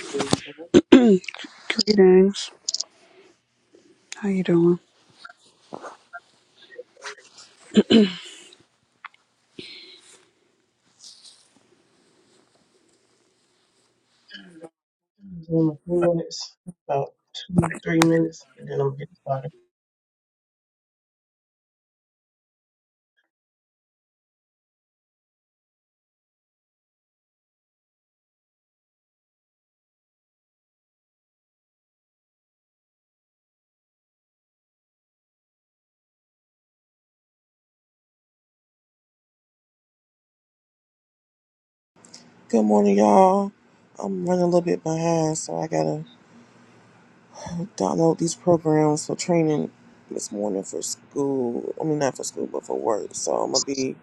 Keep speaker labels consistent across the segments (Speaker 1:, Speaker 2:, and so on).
Speaker 1: Greetings, Tina.
Speaker 2: Greetings. How you doing?
Speaker 1: In a few minutes, about two, three minutes, and then I'm getting started.
Speaker 3: Good morning, y'all. I'm running a little bit behind, so I gotta download these programs for training this morning for school. I mean, not for school, but for work. So I'm gonna be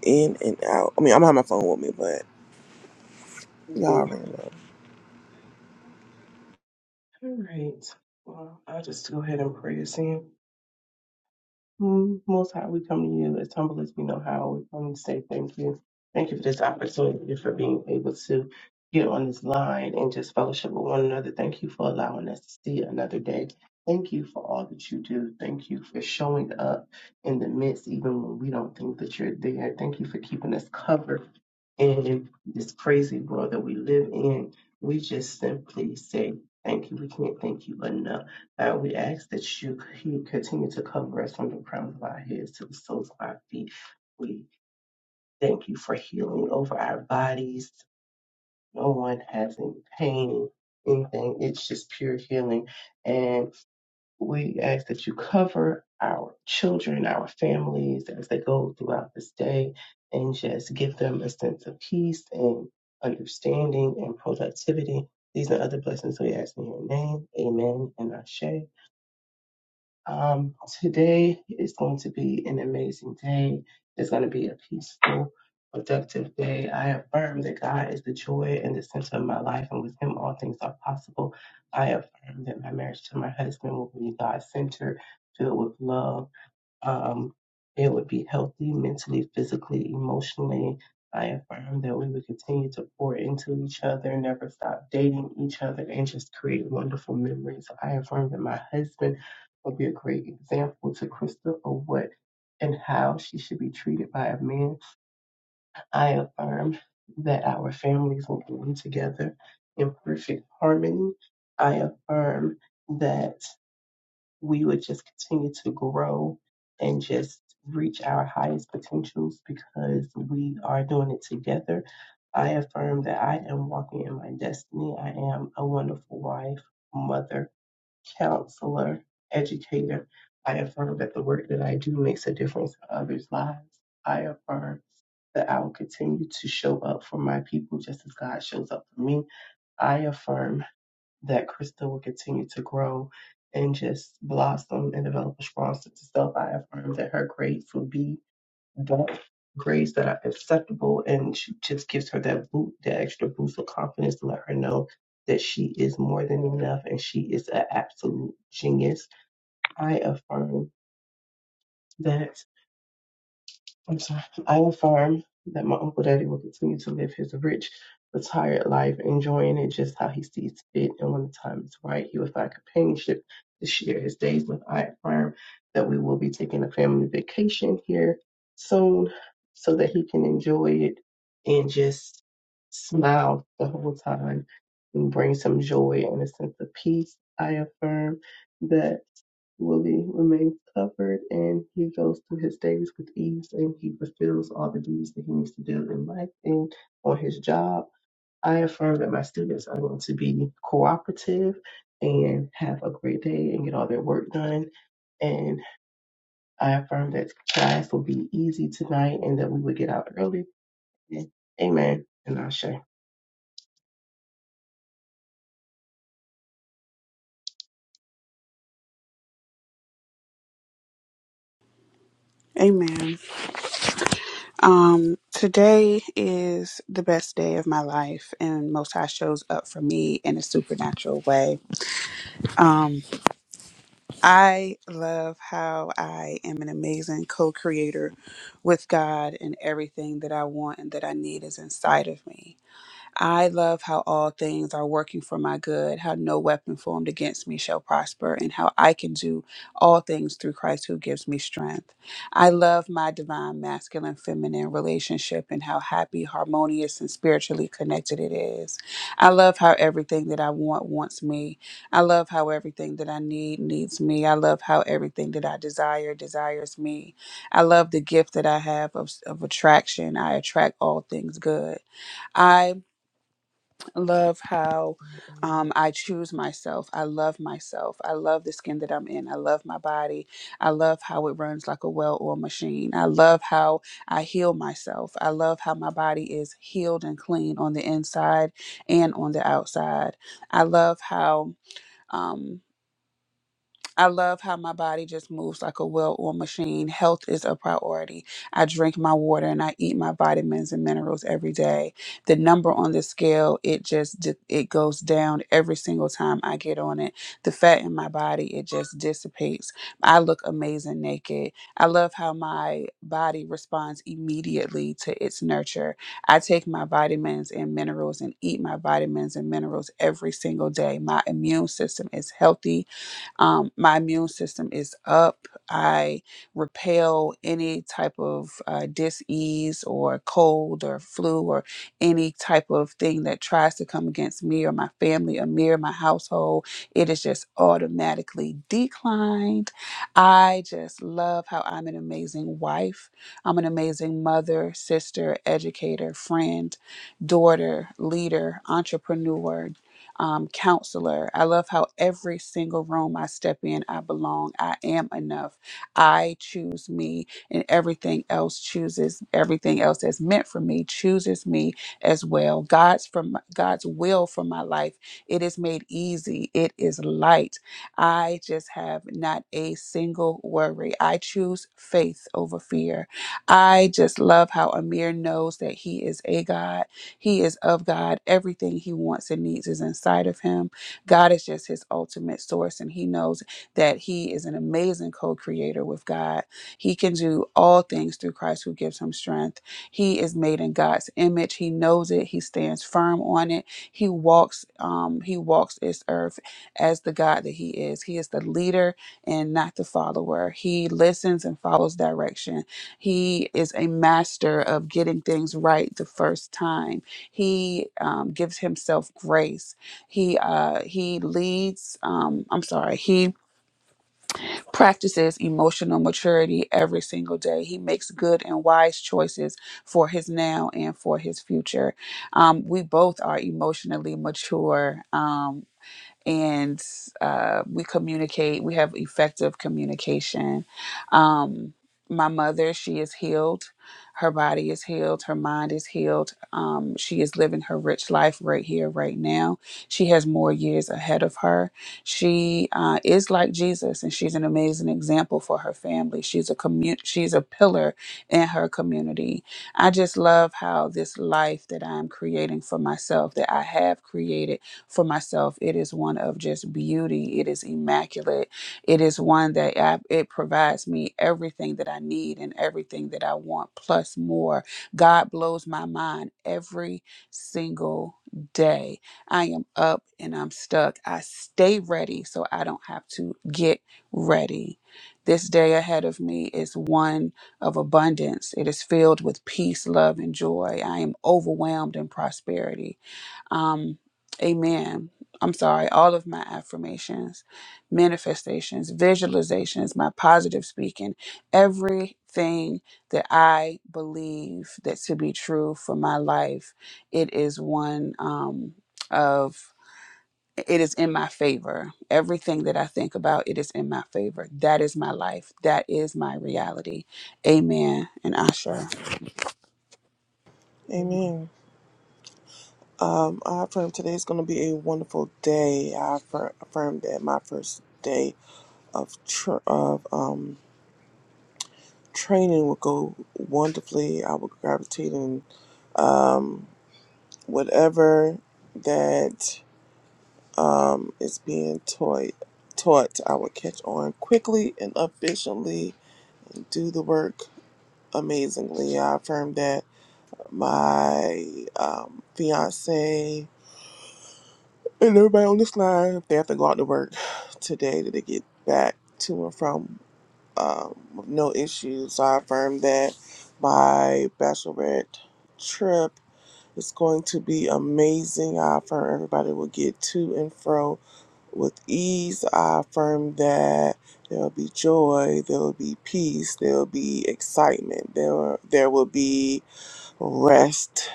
Speaker 3: in and out. I mean, I'm gonna have my phone with me, but y'all
Speaker 1: Greetings.
Speaker 3: already know.
Speaker 1: All right. Well, I'll just go ahead and pray this in. Mm, Most High, we come to you as humble as we know how. We come to say thank you. Thank you for this opportunity, for being able to get on this line and just fellowship with one another. Thank you for allowing us to see another day. Thank you for all that you do. Thank you for showing up in the midst, even when we don't think that you're there. Thank you for keeping us covered in this crazy world that we live in. We just simply say thank you. We can't thank you enough. Uh, we ask that you you continue to cover us from the crowns of our heads to the soles of our feet. We thank you for healing over our bodies. No one has any pain, anything. It's just pure healing. And we ask that you cover our children, our families as they go throughout this day and just give them a sense of peace and understanding and productivity. These and other blessings we ask in your name. Amen and Ashe. Um, today is going to be an amazing day. It's going to be a peaceful, productive day. I affirm that God is the joy and the center of my life, and with Him, all things are possible. I affirm that my marriage to my husband will be God centered, filled with love um, it would be healthy mentally, physically, emotionally. I affirm that we would continue to pour into each other, never stop dating each other, and just create wonderful memories. I affirm that my husband will be a great example to Krista of what and how she should be treated by a man. I affirm that our families will bloom together in perfect harmony. I affirm that we would just continue to grow and just reach our highest potentials because we are doing it together. I affirm that I am walking in my destiny. I am a wonderful wife, mother, counselor, educator. I affirm that the work that I do makes a difference in others' lives. I affirm that I will continue to show up for my people just as God shows up for me. I affirm that Krista will continue to grow and just blossom and develop a strong sense of self. I affirm that her grades will be that grades that are acceptable and she just gives her that boot, that extra boost of confidence to let her know that she is more than enough and she is an absolute genius. I affirm that. I'm sorry. I affirm that my Uncle Daddy will continue to live his rich, retired life, enjoying it just how he sees fit. And when the time is right, he will find companionship to share his days with. I affirm that we will be taking a family vacation here soon so that he can enjoy it and just smile the whole time and bring some joy and a sense of peace. I affirm that. Willie remains covered and he goes through his days with ease and he fulfills all the duties that he needs to do in life and on his job. I affirm that my students are going to be cooperative and have a great day and get all their work done. And I affirm that class will be easy tonight and that we would get out early. And Amen. And I'll share.
Speaker 2: Amen. Um, today is the best day of my life, and Most High shows up for me in a supernatural way. Um, I love how I am an amazing co-creator with God, and everything that I want and that I need is inside of me. I love how all things are working for my good, how no weapon formed against me shall prosper, and how I can do all things through Christ who gives me strength. I love my divine masculine feminine relationship and how happy, harmonious, and spiritually connected it is. I love how everything that I want wants me. I love how everything that I need needs me. I love how everything that I desire desires me. I love the gift that I have of, of attraction. I attract all things good. I love how um, I choose myself. I love myself. I love the skin that I'm in. I love my body. I love how it runs like a well oiled machine. I love how I heal myself. I love how my body is healed and clean on the inside and on the outside. I love how. Um, I love how my body just moves like a well oiled machine. Health is a priority. I drink my water and I eat my vitamins and minerals every day. The number on the scale, it just di- it goes down every single time I get on it. The fat in my body, it just dissipates. I look amazing naked. I love how my body responds immediately to its nurture. I take my vitamins and minerals and eat my vitamins and minerals every single day. My immune system is healthy um, my immune system is up. I repel any type of uh, disease or cold or flu or any type of thing that tries to come against me or my family or me or my household. It is just automatically declined. I just love how I'm an amazing wife. I'm an amazing mother, sister, educator, friend, daughter, leader, entrepreneur, um, counselor. I love how every single room I step in, I belong. I am enough. I choose me, and everything else chooses everything else that's meant for me chooses me as well. God's from God's will for my life. It is made easy. It is light. I just have not a single worry. I choose faith over fear. I just love how Amir knows that he is a God. He is of God. Everything he wants and needs is inside of him. God is just his ultimate source, and he knows that he is an amazing co creator with God. He can do all things through Christ who gives him strength. He is made in God's image. He knows it. He stands firm on it. He walks, um, he walks this earth as the God that he is. He is the leader and not the follower. He listens and follows direction. He is a master of getting things right the first time he um, gives himself grace. He uh, he leads. Um, I'm sorry. He practices emotional maturity every single day. He makes good and wise choices for his now and for his future. Um, we both are emotionally mature. Um, and uh, we communicate. We have effective communication. Um, my mother, she is healed. Her body is healed. Her mind is healed. Um, she is living her rich life right here, right now. She has more years ahead of her. She uh, is like Jesus, and she's an amazing example for her family. She's a commu- She's a pillar in her community. I just love how this life that I'm creating for myself, that I have created for myself. It is one of just beauty. It is immaculate. It is one that I, it provides me everything that I need and everything that I want, plus more. God blows my mind every single day. I am up and I'm stuck. I stay ready so I don't have to get ready. This day ahead of me is one of abundance. It is filled with peace, love, and joy. I am overwhelmed in prosperity. Um, amen. I'm sorry, all of my affirmations, manifestations, visualizations, my positive speaking, everything that I believe that to be true for my life, it is one um, of it is in my favor. Everything that I think about, it is in my favor. That is my life. That is my reality. Amen. And Asher.
Speaker 1: Amen.
Speaker 3: Amen. Um, I affirm today's gonna be a wonderful day. I affirm, affirm that my first day of tr of um training will go wonderfully. I will gravitate in whatever that. is being taught, taught, I will catch on quickly and efficiently, do the work amazingly. I affirm that my um, fiance and everybody on this line, they have to go out to work today, that they get back to and from um, with no issues. So I affirm that my bachelorette trip is going to be amazing. I affirm everybody will get to and fro With ease, I affirm that there will be joy, there will be peace, there will be excitement, there there will be rest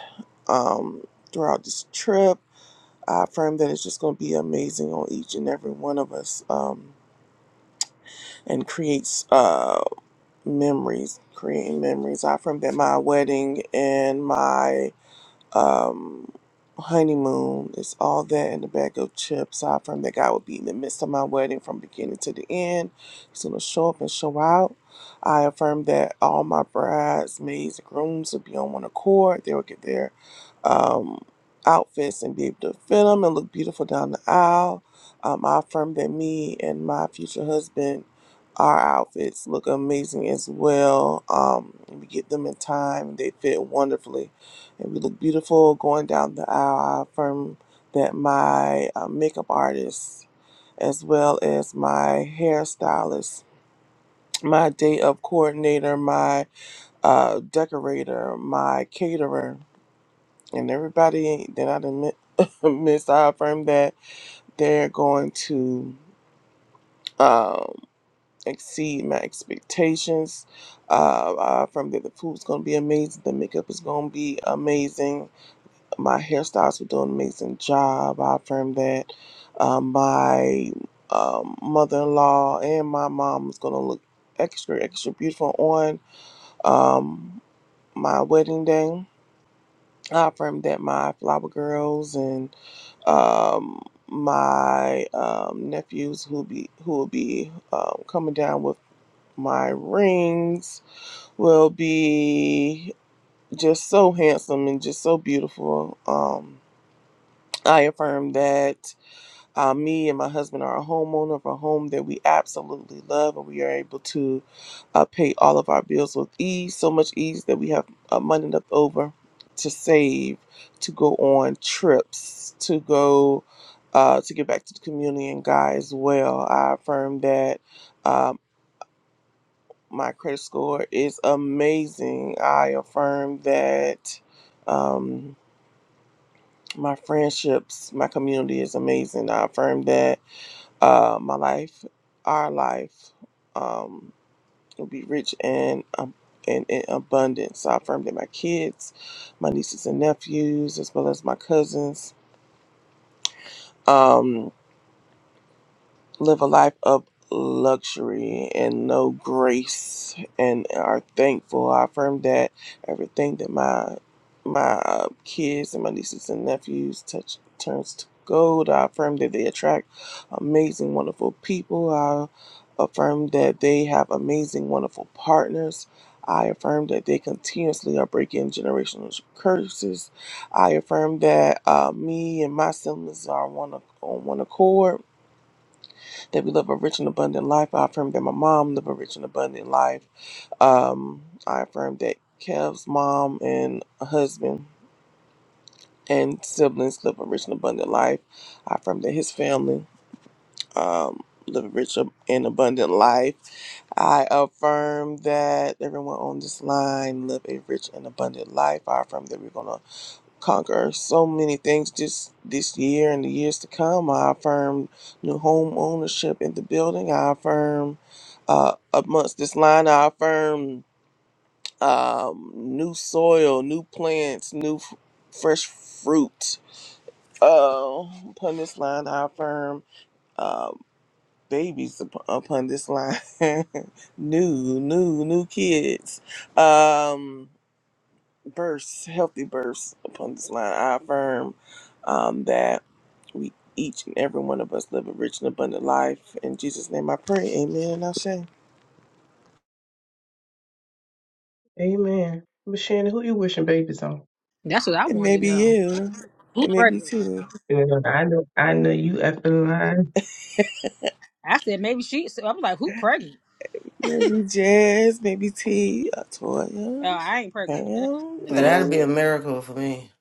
Speaker 3: um, throughout this trip. I affirm that it's just going to be amazing on each and every one of us, um, and creates uh, memories, creating memories. I affirm that my wedding and my um, honeymoon. It's all that in the bag of chips. I affirm that God will be in the midst of my wedding from beginning to the end. He's going to show up and show out. I affirm that all my bridesmaids and grooms will be on one accord. They will get their um, outfits and be able to fit them and look beautiful down the aisle. Um, I affirm that me and my future husband, our outfits look amazing as well. Um, we get them in time. They fit wonderfully and we look beautiful going down the aisle. I affirm that my uh, makeup artist, as well as my hairstylist, my day of coordinator, my uh, decorator, my caterer, and everybody that I done mi- missed, I affirm that they're going to um, exceed my expectations. Uh, I affirm that the food's going to be amazing, the makeup is going to be amazing My hairstylists were doing an amazing job. I affirmed that. Um, my um, mother-in-law and my mom was going to look extra, extra beautiful on um, my wedding day. I affirmed that my flower girls and um, my um, nephews who be who will be um, coming down with my rings will be just so handsome and just so beautiful. Um, I affirm that Uh, me and my husband are a homeowner of a home that we absolutely love, and we are able to uh, pay all of our bills with ease so much ease that we have uh, money left over to save, to go on trips, to go. Uh, to give back to the community and God as well. I affirm that um, my credit score is amazing. I affirm that um, my friendships, my community is amazing. I affirm that uh, my life, our life, um, will be rich and um, and in abundance. So I affirm that my kids, my nieces and nephews, as well as my cousins. Um, live a life of luxury and no grace and are thankful. I affirm that everything that my my uh, kids and my nieces and nephews touch turns to gold. I affirm that they attract amazing, wonderful people. I affirm that they have amazing, wonderful partners. I affirm that they continuously are breaking generational curses. I affirm that uh, me and my siblings are one ac- on one accord that we live a rich and abundant life. I affirm that my mom live a rich and abundant life. Um, I affirm that Kev's mom and husband and siblings live a rich and abundant life. I affirm that his family um, live a rich and abundant life. I affirm that everyone on this line live a rich and abundant life. I affirm that we're gonna conquer so many things just this year and the years to come. I affirm new home ownership in the building. I affirm uh, amongst this line, I affirm um, new soil, new plants, new f- fresh fruit. Uh, upon this line, I affirm uh, babies up- upon this line, new, new, new kids. Um, Bursts, healthy bursts upon this line. I affirm um, that we each and every one of us live a rich and abundant life. In Jesus' name I pray. Amen and I'll say.
Speaker 1: Amen. But Shannon, who you wishing babies on?
Speaker 4: That's what I
Speaker 3: It may
Speaker 4: wanted to
Speaker 3: be
Speaker 4: know.
Speaker 3: you.
Speaker 4: Who
Speaker 3: It may be
Speaker 4: pregnant?
Speaker 3: too.
Speaker 1: Yeah, I know, I know you up in line.
Speaker 4: I said maybe she. So I was like, who pregnant?
Speaker 3: Maybe Jazz, maybe T, uh,
Speaker 4: Oh,
Speaker 3: Toya.
Speaker 4: I ain't pregnant. That
Speaker 3: Pam,
Speaker 4: ain't the
Speaker 3: you
Speaker 5: Well,
Speaker 4: thing.
Speaker 3: know,
Speaker 5: that'd be a
Speaker 3: me.
Speaker 5: miracle for me.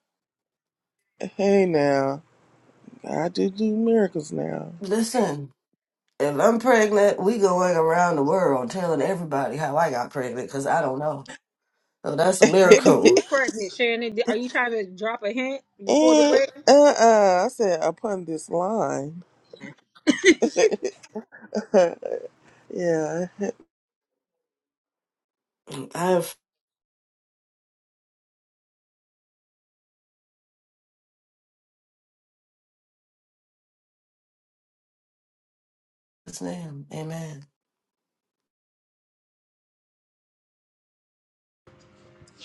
Speaker 3: hey now, I do do miracles now.
Speaker 5: Listen, if I'm pregnant, we going around the world telling everybody how I got pregnant because I don't know. So that's a
Speaker 4: Maybe you
Speaker 5: miracle.
Speaker 4: pregnant, Shannon. Are you trying to drop a hint before the
Speaker 3: and
Speaker 4: wedding?
Speaker 3: uh-uh, I said upon this line. yeah.
Speaker 5: I have his name. Amen.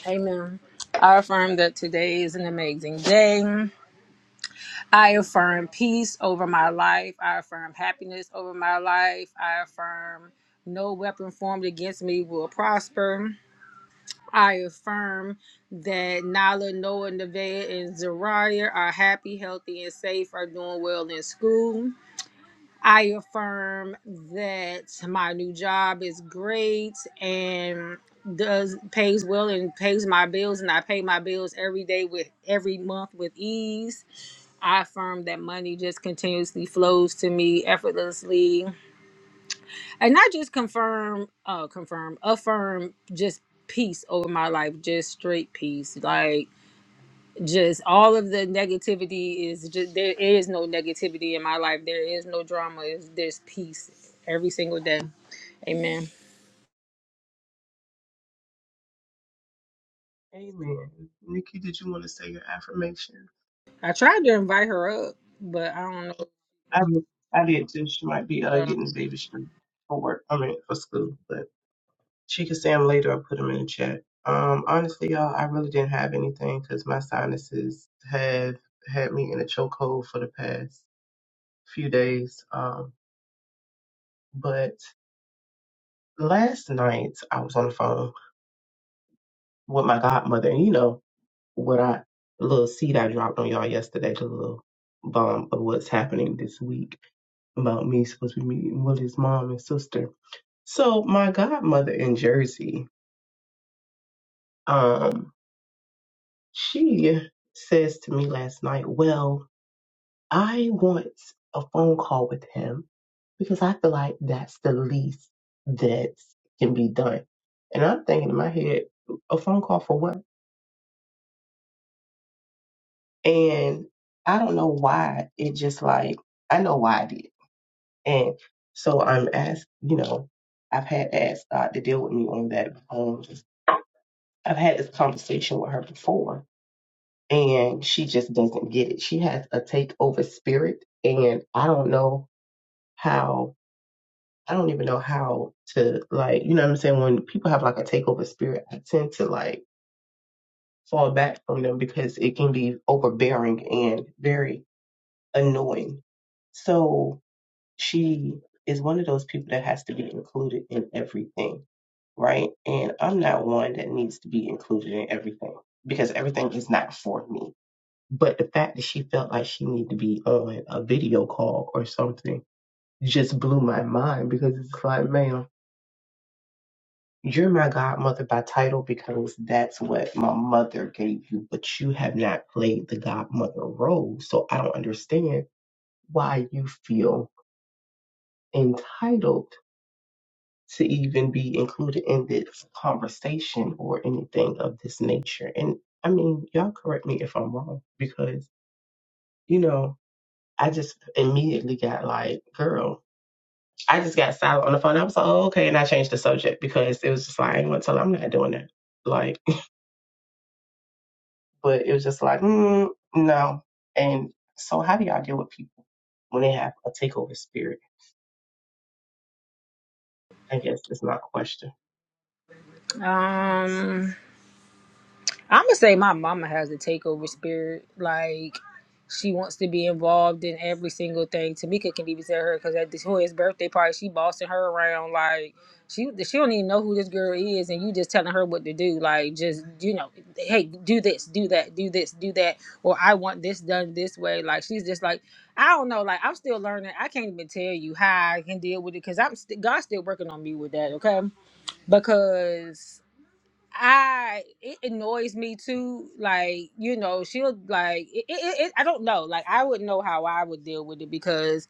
Speaker 4: Amen. I affirm that today is an amazing day. I affirm peace over my life. I affirm happiness over my life. I affirm no weapon formed against me will prosper. I affirm that Nala, Noah, Nevaeh, and Zariah are happy, healthy, and safe, are doing well in school. I affirm that my new job is great and does pays well and pays my bills and I pay my bills every day with every month with ease. I affirm that money just continuously flows to me effortlessly and not just confirm uh confirm affirm just peace over my life just straight peace like just all of the negativity is just there is no negativity in my life there is no drama is there's peace every single day amen
Speaker 1: Amen. Nikki, did you want to say your affirmation?
Speaker 4: i tried to invite her up but i don't
Speaker 1: I did- I did too. She might be uh,
Speaker 4: know
Speaker 1: getting the baby shoe for work. I mean for school, but she can say them later. I'll put them in the chat. Um, honestly, y'all, I really didn't have anything because my sinuses have had me in a chokehold for the past few days. Um, but last night I was on the phone with my godmother, and you know. what I the little seed I dropped on y'all yesterday, the little bomb of what's happening this week about me supposed to be meeting Willie's mom and sister. So my godmother in Jersey, um, she says to me last night, Well, I want a phone call with him because I feel like that's the least that can be done. And I'm thinking in my head, a phone call for what? And I don't know why it just like I know why I did And so I'm asked, you know, I've had asked God to deal with me on that. Um, I've had this conversation with her before, and she just doesn't get it. She has a takeover spirit, and I don't know how. I don't even know how to like, you know what I'm saying? When people have like a takeover spirit, I tend to like fall back from them because it can be overbearing and very annoying. So she is one of those people that has to be included in everything right? And I'm not one that needs to be included in everything because everything is not for me. But the fact that she felt like she needed to be on a video call or something just blew my mind because it's like, ma'am, you're my godmother by title because that's what my mother gave you, but you have not played the godmother role. So I don't understand why you feel entitled to even be included in this conversation or anything of this nature. And I mean, y'all correct me if I'm wrong because, you know, I just immediately got like, girl, I just got silent on the phone. I was like, oh, okay. And I changed the subject because it was just like, I ain't going to tell her I'm not doing that. Like, but it was just like, mm, no. And so, how do y'all deal with people when they have a takeover spirit? I guess is my question.
Speaker 4: uh, um I'm gonna say my mama has a takeover spirit. Like she wants to be involved in every single thing. Tamika can even tell her because at this Hoy's birthday party, she bossing her around. Like she she don't even know who this girl is, and you just telling her what to do. Like just you know, hey, do this, do that, do this, do that, or I want this done this way. Like she's just like I don't know. Like I'm still learning. I can't even tell you how I can deal with it because I'm st- God's still working on me with that. Okay, because. I it annoys me too. Like you know, she'll like it, it, it. I don't know. Like I wouldn't know how I would deal with it because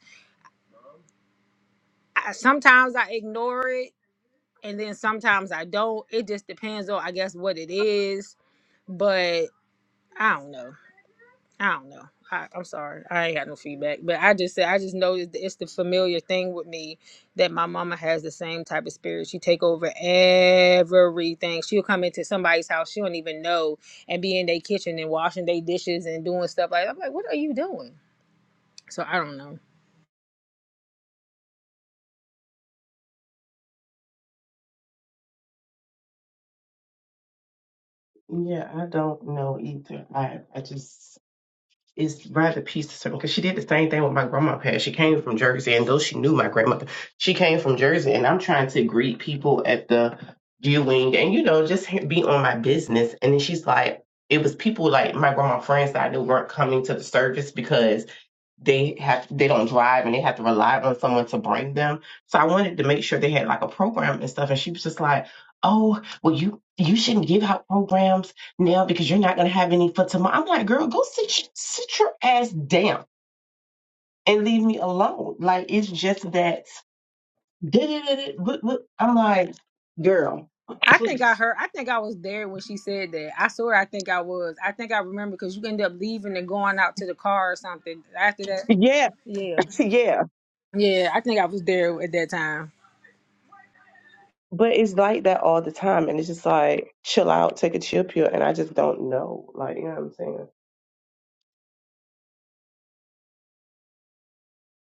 Speaker 4: I, sometimes I ignore it, and then sometimes I don't. It just depends on, I guess, what it is. But I don't know. I don't know. I, I'm sorry. I ain't got no feedback. But I just said I just know it's the, it's the familiar thing with me that my mama has the same type of spirit. She take over everything. She'll come into somebody's house she don't even know and be in their kitchen and washing their dishes and doing stuff like that. I'm like, what are you doing? So I don't know.
Speaker 1: Yeah, I don't know either. I I just is rather pieced to certain because she did the same thing with my grandma passed. She came from Jersey, and though she knew my grandmother, she came from Jersey, and I'm trying to greet people at the viewing and you know just be on my business. And then she's like, it was people like my grandma friends that I knew weren't coming to the service because they have they don't drive and they have to rely on someone to bring them. So I wanted to make sure they had like a program and stuff. And she was just like, "Oh, well you you shouldn't give out programs now because you're not gonna have any for tomorrow." I'm like, "Girl, go sit sit your ass down and leave me alone." Like it's just that. did it, did it, look, look. I'm like, "Girl,
Speaker 4: I think I
Speaker 1: please."
Speaker 4: heard. I think I was there when she said that. I swear, I think I was. I think I remember because you ended up leaving and going out to the car or something after that.
Speaker 1: Yeah,
Speaker 4: Yeah,
Speaker 1: yeah,
Speaker 4: yeah. I think I was there at that time.
Speaker 1: but it's like that all the time, and it's just like chill out, take a chill pill, and I just don't know, like you know what I'm saying?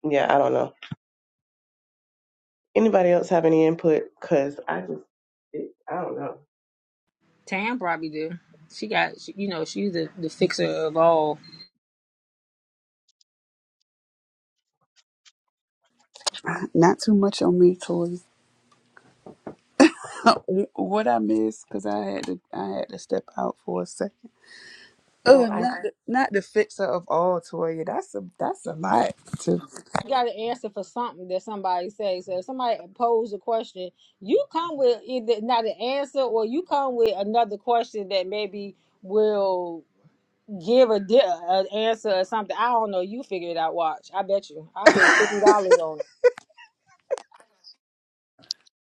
Speaker 1: Yeah, I don't know. Anybody else have any input? Cause I just, it, I don't know.
Speaker 4: Tam probably do. She got, she, you know, she's the, the fixer of all.
Speaker 2: Not too much on me, Tori. what I missed because I had to I had to step out for a second. Oh,
Speaker 1: So
Speaker 2: Oh,
Speaker 1: I,
Speaker 2: not Okay. the, not the fixer of all, Toya. That's a that's a lot. To
Speaker 4: You got to answer for something that somebody says. So if somebody posed a question, you come with either not an answer or you come with another question that maybe will give a di- an answer or something. I don't know. You figure it out. Watch. I bet you. I put fifty dollars on it.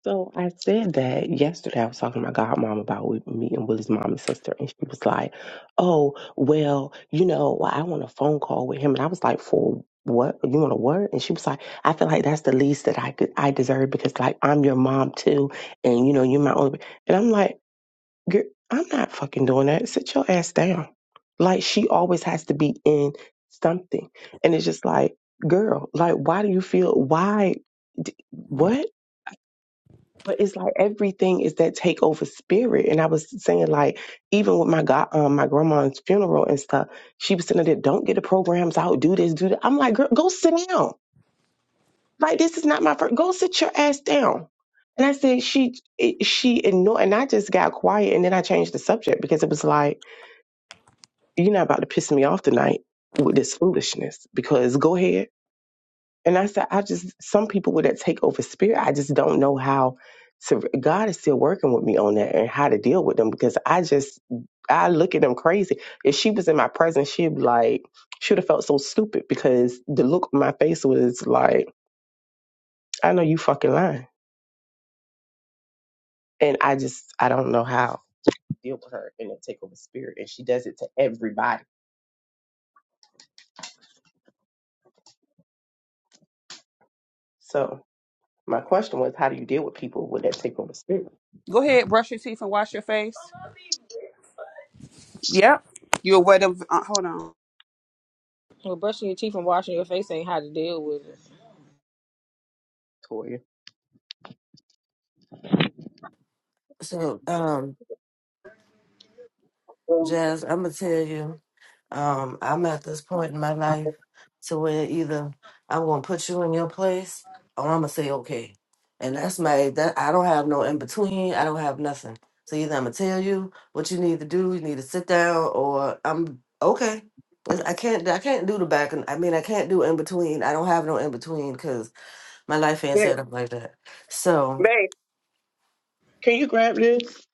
Speaker 1: so I said that yesterday. I was talking to my godmom about we meeting Willie's mom and sister, and she was like, "Oh, well, you know, well, I want a phone call with him," and I was like, "For what? You want a what?" And she was like, "I feel like that's the least that I could, I deserve because like I'm your mom too, and you know, you're my only." And I'm like. Girl, I'm not fucking doing that. Sit your ass down. Like she always has to be in something. And it's just like, girl, like why do you feel why what? But it's like everything is that takeover spirit. And I was saying like even with my god um, my grandma's funeral and stuff, she was sitting there, don't get the programs out, do this, do that. I'm like, girl, go sit down. Like this is not my first go sit your ass down. And I said she it- she ignored and I just got quiet and then I changed the subject because it was like You're not about to piss me off tonight with this foolishness because go ahead. And I said, I just, some people with that takeover spirit, I just don't know how to, God is still working with me on that and how to deal with them because I just, I look at them crazy. If she was in my presence, she'd be like, she would have felt so stupid because the look on my face was like, I know you fucking lying. And I just, I don't know how to deal with her in that takeover spirit. And she does it to everybody. So my question was, how do you deal with people with that takeover spirit?
Speaker 2: go ahead, brush your teeth and wash your face. Yep, you're aware Of, uh, hold on.
Speaker 4: Well, brushing your teeth and washing your face ain't how to deal with it.
Speaker 1: Toya.
Speaker 5: So, um,
Speaker 1: Um,
Speaker 5: Jazz, I'm gonna tell you.
Speaker 1: um,
Speaker 5: Um,
Speaker 1: I'm
Speaker 5: I'm
Speaker 1: not.
Speaker 5: at this point in my
Speaker 1: I'm
Speaker 5: life
Speaker 1: not-
Speaker 5: to where either I'm gonna put you in your place or I'm gonna say okay. And that's my that I don't have no in between, I don't have nothing. So either I'm gonna tell you what you need to do, you need to sit down, or I'm okay. It's- I can't I can't do the back and I mean I can't do in between. I don't have no in between because my life ain't
Speaker 1: Hey,
Speaker 5: set up like that. So
Speaker 1: Babe, can you grab this?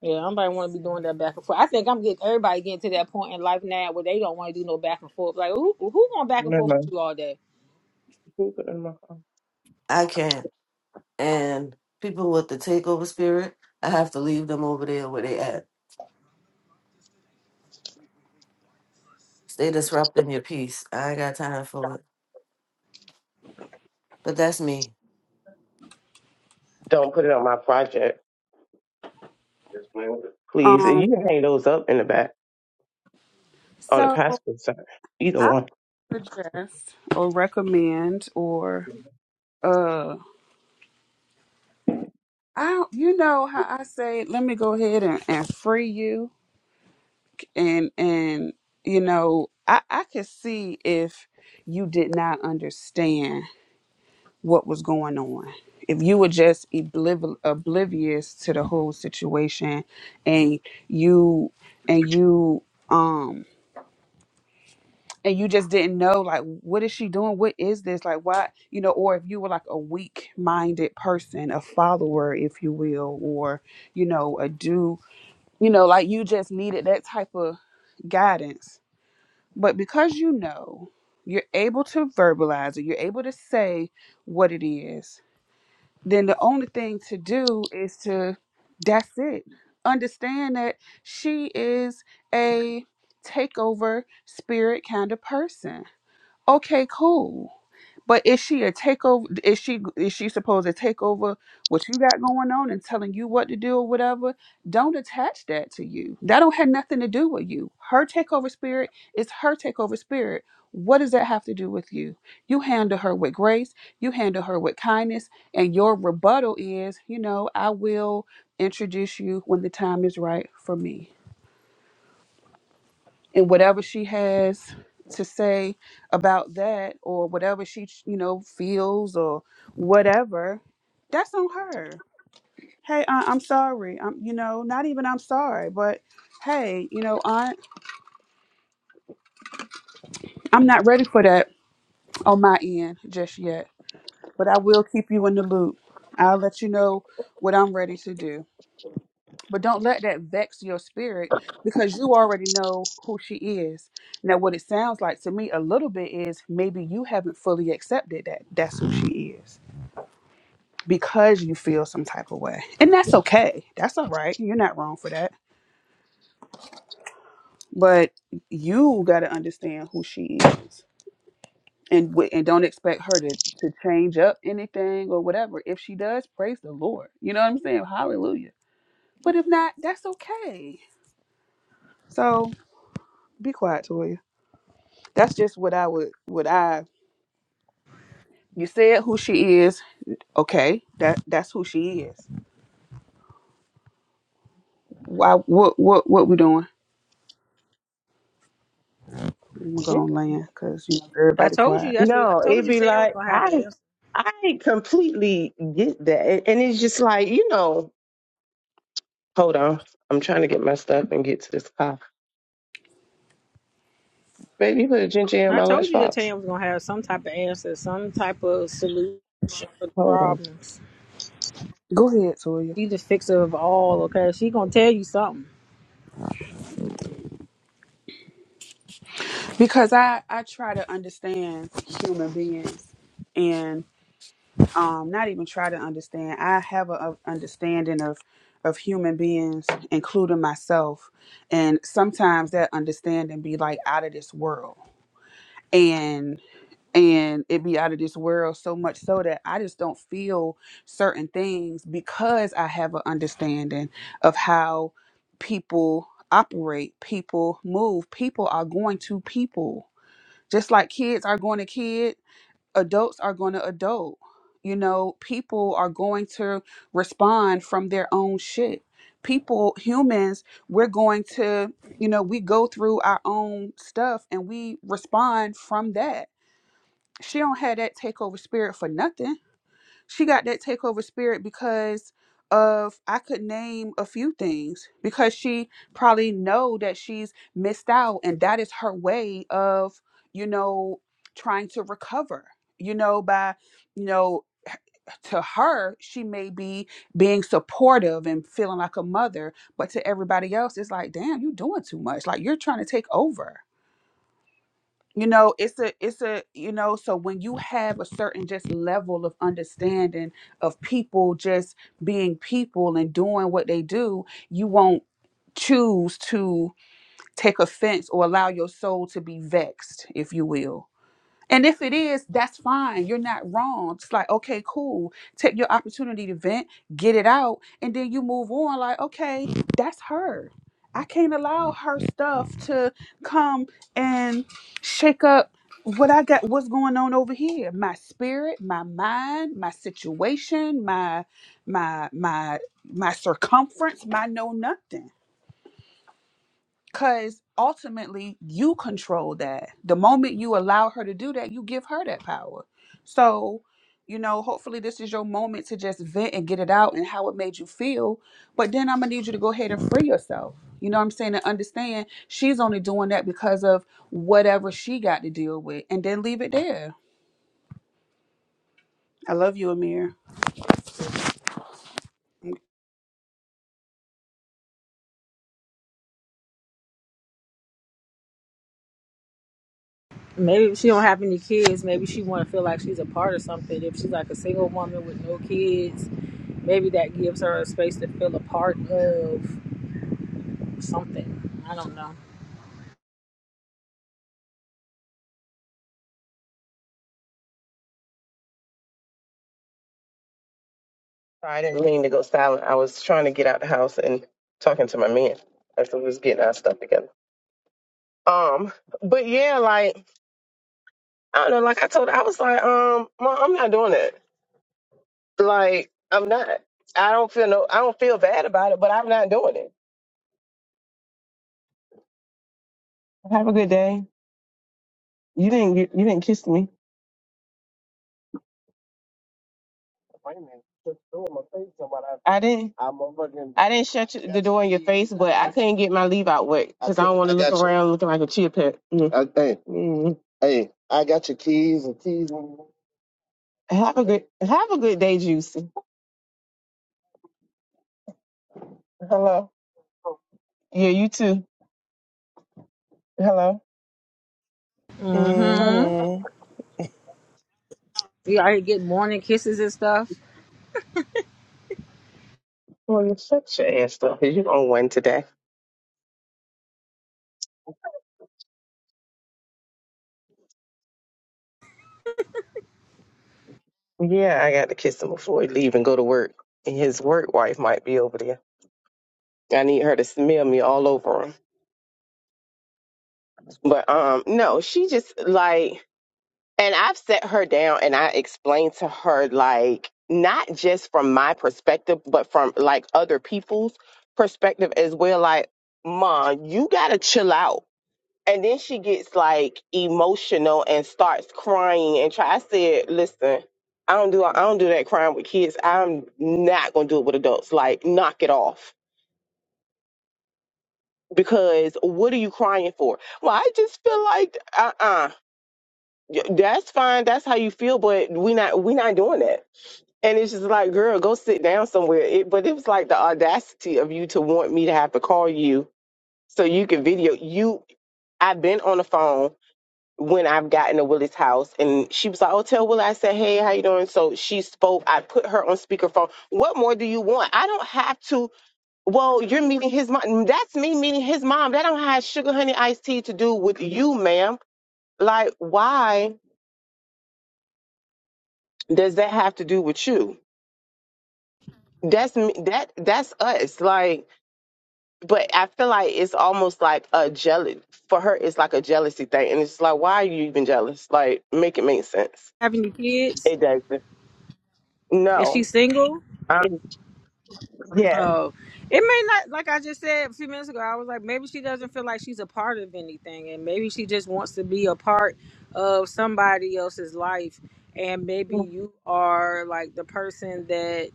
Speaker 4: Yeah, nobody want to be doing that back and forth. I think I'm getting everybody getting to that point in life now where they don't want to do no back and forth. Like, who who going back and
Speaker 1: No,
Speaker 4: forth
Speaker 1: no.
Speaker 4: with
Speaker 1: Can
Speaker 4: you all day?
Speaker 1: you put it in my-
Speaker 5: I can't. And people with the takeover spirit, I have to leave them over there where they at Stay disrupting your peace. I ain't got time for it. But that's me.
Speaker 1: Don't put it on my project. Yes, ma'am. Please, and
Speaker 2: Um,
Speaker 1: you can hang those up in the back on the
Speaker 2: so
Speaker 1: passport side. Either
Speaker 2: I
Speaker 1: one.
Speaker 2: would suggest or recommend or uh, I you know how I say let me go ahead and, and free you. and and you know i i could see if you did not understand what was going on if you were just obliv- oblivious to the whole situation and you and you um and you just didn't know like what is she doing what is this like why you know or if you were like a weak minded person a follower if you will or you know a do you know like you just needed that type of guidance But because you know, you're able to verbalize it, you're able to say what it is, then the only thing to do is to, that's it. Understand that she is a takeover spirit kind of person. Okay, cool. But is she a takeover? Is she is she supposed to take over what you got going on and telling you what to do or whatever? Don't attach that to you. That don't have nothing to do with you. Her takeover spirit is her takeover spirit. What does that have to do with you? You handle her with grace. You handle her with kindness, and your rebuttal is, you know, I will introduce you when the time is right for me and whatever she has to say about that or whatever she you know feels or whatever that's on her hey I, i'm sorry i'm you know not even i'm sorry but hey you know Aunt, i'm not ready for that on my end just yet but i will keep you in the loop i'll let you know what i'm ready to do But don't let that vex your spirit because you already know who she is. Now, what it sounds like to me a little bit is maybe you haven't fully accepted that that's who she is because you feel some type of way. And that's okay. That's all right. You're not wrong for that. But you got to understand who she is. And, w- and don't expect her to, to change up anything or whatever. If she does, praise the Lord. You know what I'm saying? Hallelujah. But if not, that's okay. So be quiet, Toya. That's just what I would what I you said who she is. Okay, that that's who she is. Why what what what we doing? I'm gonna land because you know
Speaker 4: I
Speaker 2: everybody
Speaker 4: told you
Speaker 2: quiet.
Speaker 4: that's what I
Speaker 1: No,
Speaker 4: told
Speaker 1: it'd
Speaker 4: you.
Speaker 1: be
Speaker 4: Tam was
Speaker 1: like
Speaker 4: gonna have
Speaker 1: I
Speaker 4: an answer.
Speaker 1: I completely get that. And and it's just like, you know, hold on. I'm trying to get my stuff and get to this car. Baby, you put a ginger ale in
Speaker 4: I
Speaker 1: my
Speaker 4: told you that
Speaker 1: lunchbox.
Speaker 4: Tam was gonna have some type of answer, some type of solution for the
Speaker 1: Hold on.
Speaker 4: problems.
Speaker 2: Go ahead, Toya.
Speaker 4: She the fixer of all. Okay, she gonna tell you something.
Speaker 2: Because I I try to understand human beings and um not even try to understand. I have a, a understanding of of human beings, including myself, and sometimes that understanding be like out of this world. and. and it be out of this world so much so that I just don't feel certain things because I have an understanding of how people operate, people move, people are going to people. Just like kids are going to kid, adults are going to adult. You know, people are going to respond from their own shit. People, humans, we're going to, you know, we go through our own stuff and we respond from that she don't have that takeover spirit for nothing. She got that takeover spirit because of I could name a few things because she probably know that she's missed out and that is her way of, you know, trying to recover. You know, by, you know, h- to her, she may be being supportive and feeling like a mother, but to everybody else, it's like, damn, you doing too much. Like you're trying to take over you know it's a it's a you know so when you have a certain just level of understanding of people just being people and doing what they do you won't choose to take offense or allow your soul to be vexed if you will and if it is, that's fine. You're not wrong. It's like, okay, cool. Take your opportunity to vent, get it out, and then you move on. Like, okay, that's her. I can't allow her stuff to come and shake up what I got, what's going on over here. My spirit, my mind, my situation, my my my my circumference, my know nothing. Because ultimately, you control that. The moment you allow her to do that, you give her that power. So, you know, hopefully, this is your moment to just vent and get it out and how it made you feel. But then I'm going to need you to go ahead and free yourself. You know what I'm saying? And understand she's only doing that because of whatever she got to deal with. And then leave it there. I love you, Amir.
Speaker 4: Maybe if she don't have any kids. Maybe she want to feel like she's a part of something. If she's like a single woman with no kids, maybe that gives her a space to feel a part of something. I don't know.
Speaker 1: Sorry, I didn't mean to go silent. I was trying to get out the house and talking to my man as we was getting our stuff together. Um, but yeah, like I don't know, like I told her, I was like, um, Mom, I'm not doing it. Like, I'm not. I don't feel no I don't feel bad about it, but I'm not doing it. Have a good day. You didn't get you didn't kiss me Wait a minute. Shut the door in my face, somebody. I didn't. I motherfucking. I didn't shut you- the door in your face, but I couldn't get my leave out wet I because I could. don't want I to look got you. around looking like a chia pet. Mm. I, hey, Mm. hey, I got your keys and keys. And, Have a good Have a good day, Juicy. hello. Yeah, you too. Hello.
Speaker 4: Mm-hmm.
Speaker 3: Mm-hmm.
Speaker 4: You out here getting morning kisses and stuff.
Speaker 1: Well, you shut your ass up. 'cause You on one today? Yeah, I got to kiss him before he leave and go to work. And his work wife might be over there. I need her to smell me all over him. But um, no, she just like. And I've set her down and I explained to her, like, not just from my perspective, but from like other people's perspective as well. Like, mom, you gotta chill out. And then she gets like emotional and starts crying and try. I said, listen, I don't do I don't do that crying with kids. I'm not gonna do it with adults. Like, knock it off. Because what are you crying for? Well, I just feel like uh uh-uh. uh that's fine. That's how you feel, but we not we not doing that And it's just like, girl, go sit down somewhere. It, but it was like the audacity of you to want me to have to call you so you can video. You, I've been on the phone when I've gotten to Willie's house, and she was like, "Oh, tell Willie." I said, "Hey, how you doing?" So she spoke. I put her on speakerphone. What more do you want? I don't have to. Well, you're meeting his mom. That's me meeting his mom. That don't have sugar honey iced tea to do with you, ma'am. Like, why does that have to do with you? That's me. That that's us. Like but I feel like it's almost like a jealous for her. It's like a jealousy thing, and it's like, why are you even jealous? Like, make it make sense.
Speaker 4: Having your kids.
Speaker 1: It doesn't.
Speaker 4: Is she
Speaker 1: No.
Speaker 4: single?
Speaker 1: Um, yeah.
Speaker 4: Oh, it may not. Like I just said a few minutes ago, I was like, maybe she doesn't feel like she's a part of anything, and maybe she just wants to be a part of somebody else's life. And maybe you are like the person that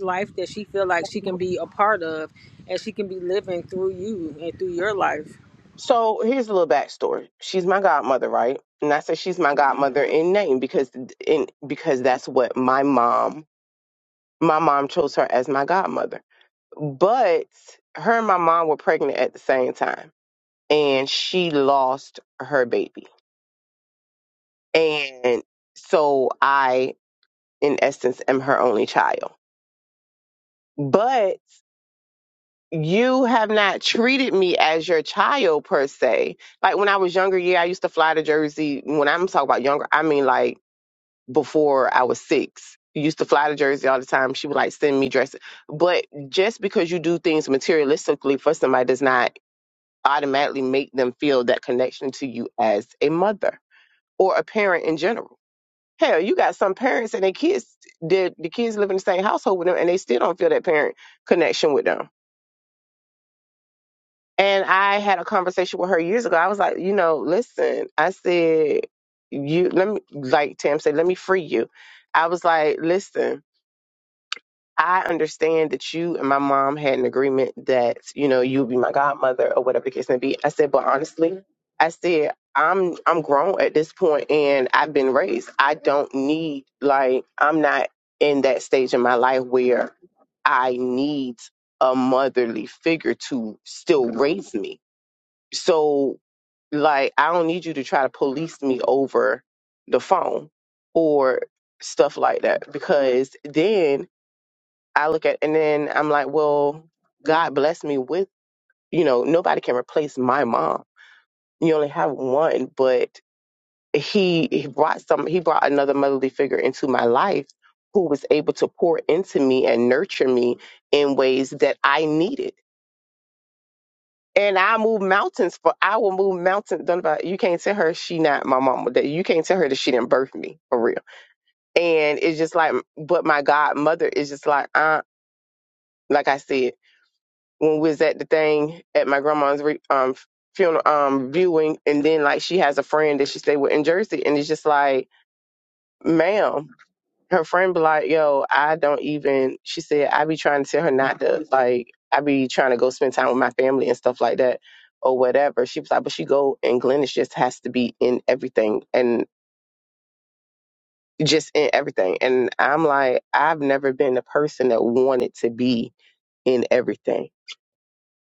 Speaker 4: life that she feel like she can be a part of, and she can be living through you and through your life.
Speaker 1: So here's a little backstory. She's my godmother, right? And I said she's my godmother in name because in because that's what my mom. My mom chose her as my godmother, but her and my mom were pregnant at the same time, and she lost her baby, and so I in essence am her only child. But you have not treated me as your child per se. Like when I was younger, yeah, I used to fly to Jersey. When I'm talking about younger, I mean like before I was six. Used to fly to Jersey all the time. She would like send me dresses. But just because you do things materialistically for somebody does not automatically make them feel that connection to you as a mother or a parent in general Hell, you got some parents and their kids, the, the kids live in the same household with them, and they still don't feel that parent connection with them. And I had a conversation with her years ago. I was like, you know, listen, I said, you let me, like Tam said, let me free you. I was like, listen. I understand that you and my mom had an agreement that, you know, you would be my godmother or whatever the case may be. I said, but honestly, I said, I'm I'm grown at this point and I've been raised. I don't need like I'm not in that stage in my life where I need a motherly figure to still raise me. So like I don't need you to try to police me over the phone or stuff like that because then I look at and then I'm like, well, God bless me with, you know, nobody can replace my mom. You only have one, but he, he brought some he brought another motherly figure into my life who was able to pour into me and nurture me in ways that I needed. And I moved mountains for I will move mountains. Don't about you can't tell her she not my mama. That you can't tell her that she didn't birth me for real. And it's just like, but my godmother is just like, uh, like I said. when we was at the thing at my grandma's re- um funeral um viewing and then like she has a friend that she stayed with in Jersey and it's just like, ma'am, her friend be like, Yo, I don't even she said, I be trying to tell her not to like I be trying to go spend time with my family and stuff like that or whatever. She was like, But she go and Glennis just has to be in everything and just in everything. And I'm like, I've never been the person that wanted to be in everything.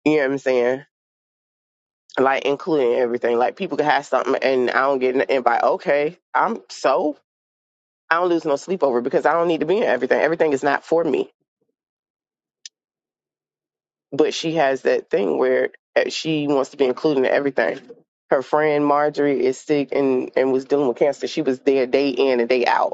Speaker 1: You know what I'm saying? like including everything. Like people can have something and I don't get an invite. Okay, I'm so I don't lose no sleep over it because I don't need to be in everything. Everything is not for me. But she has that thing where uh, she wants to be included in everything. Her friend Marjorie is sick and and was dealing with cancer. She was there day in and day out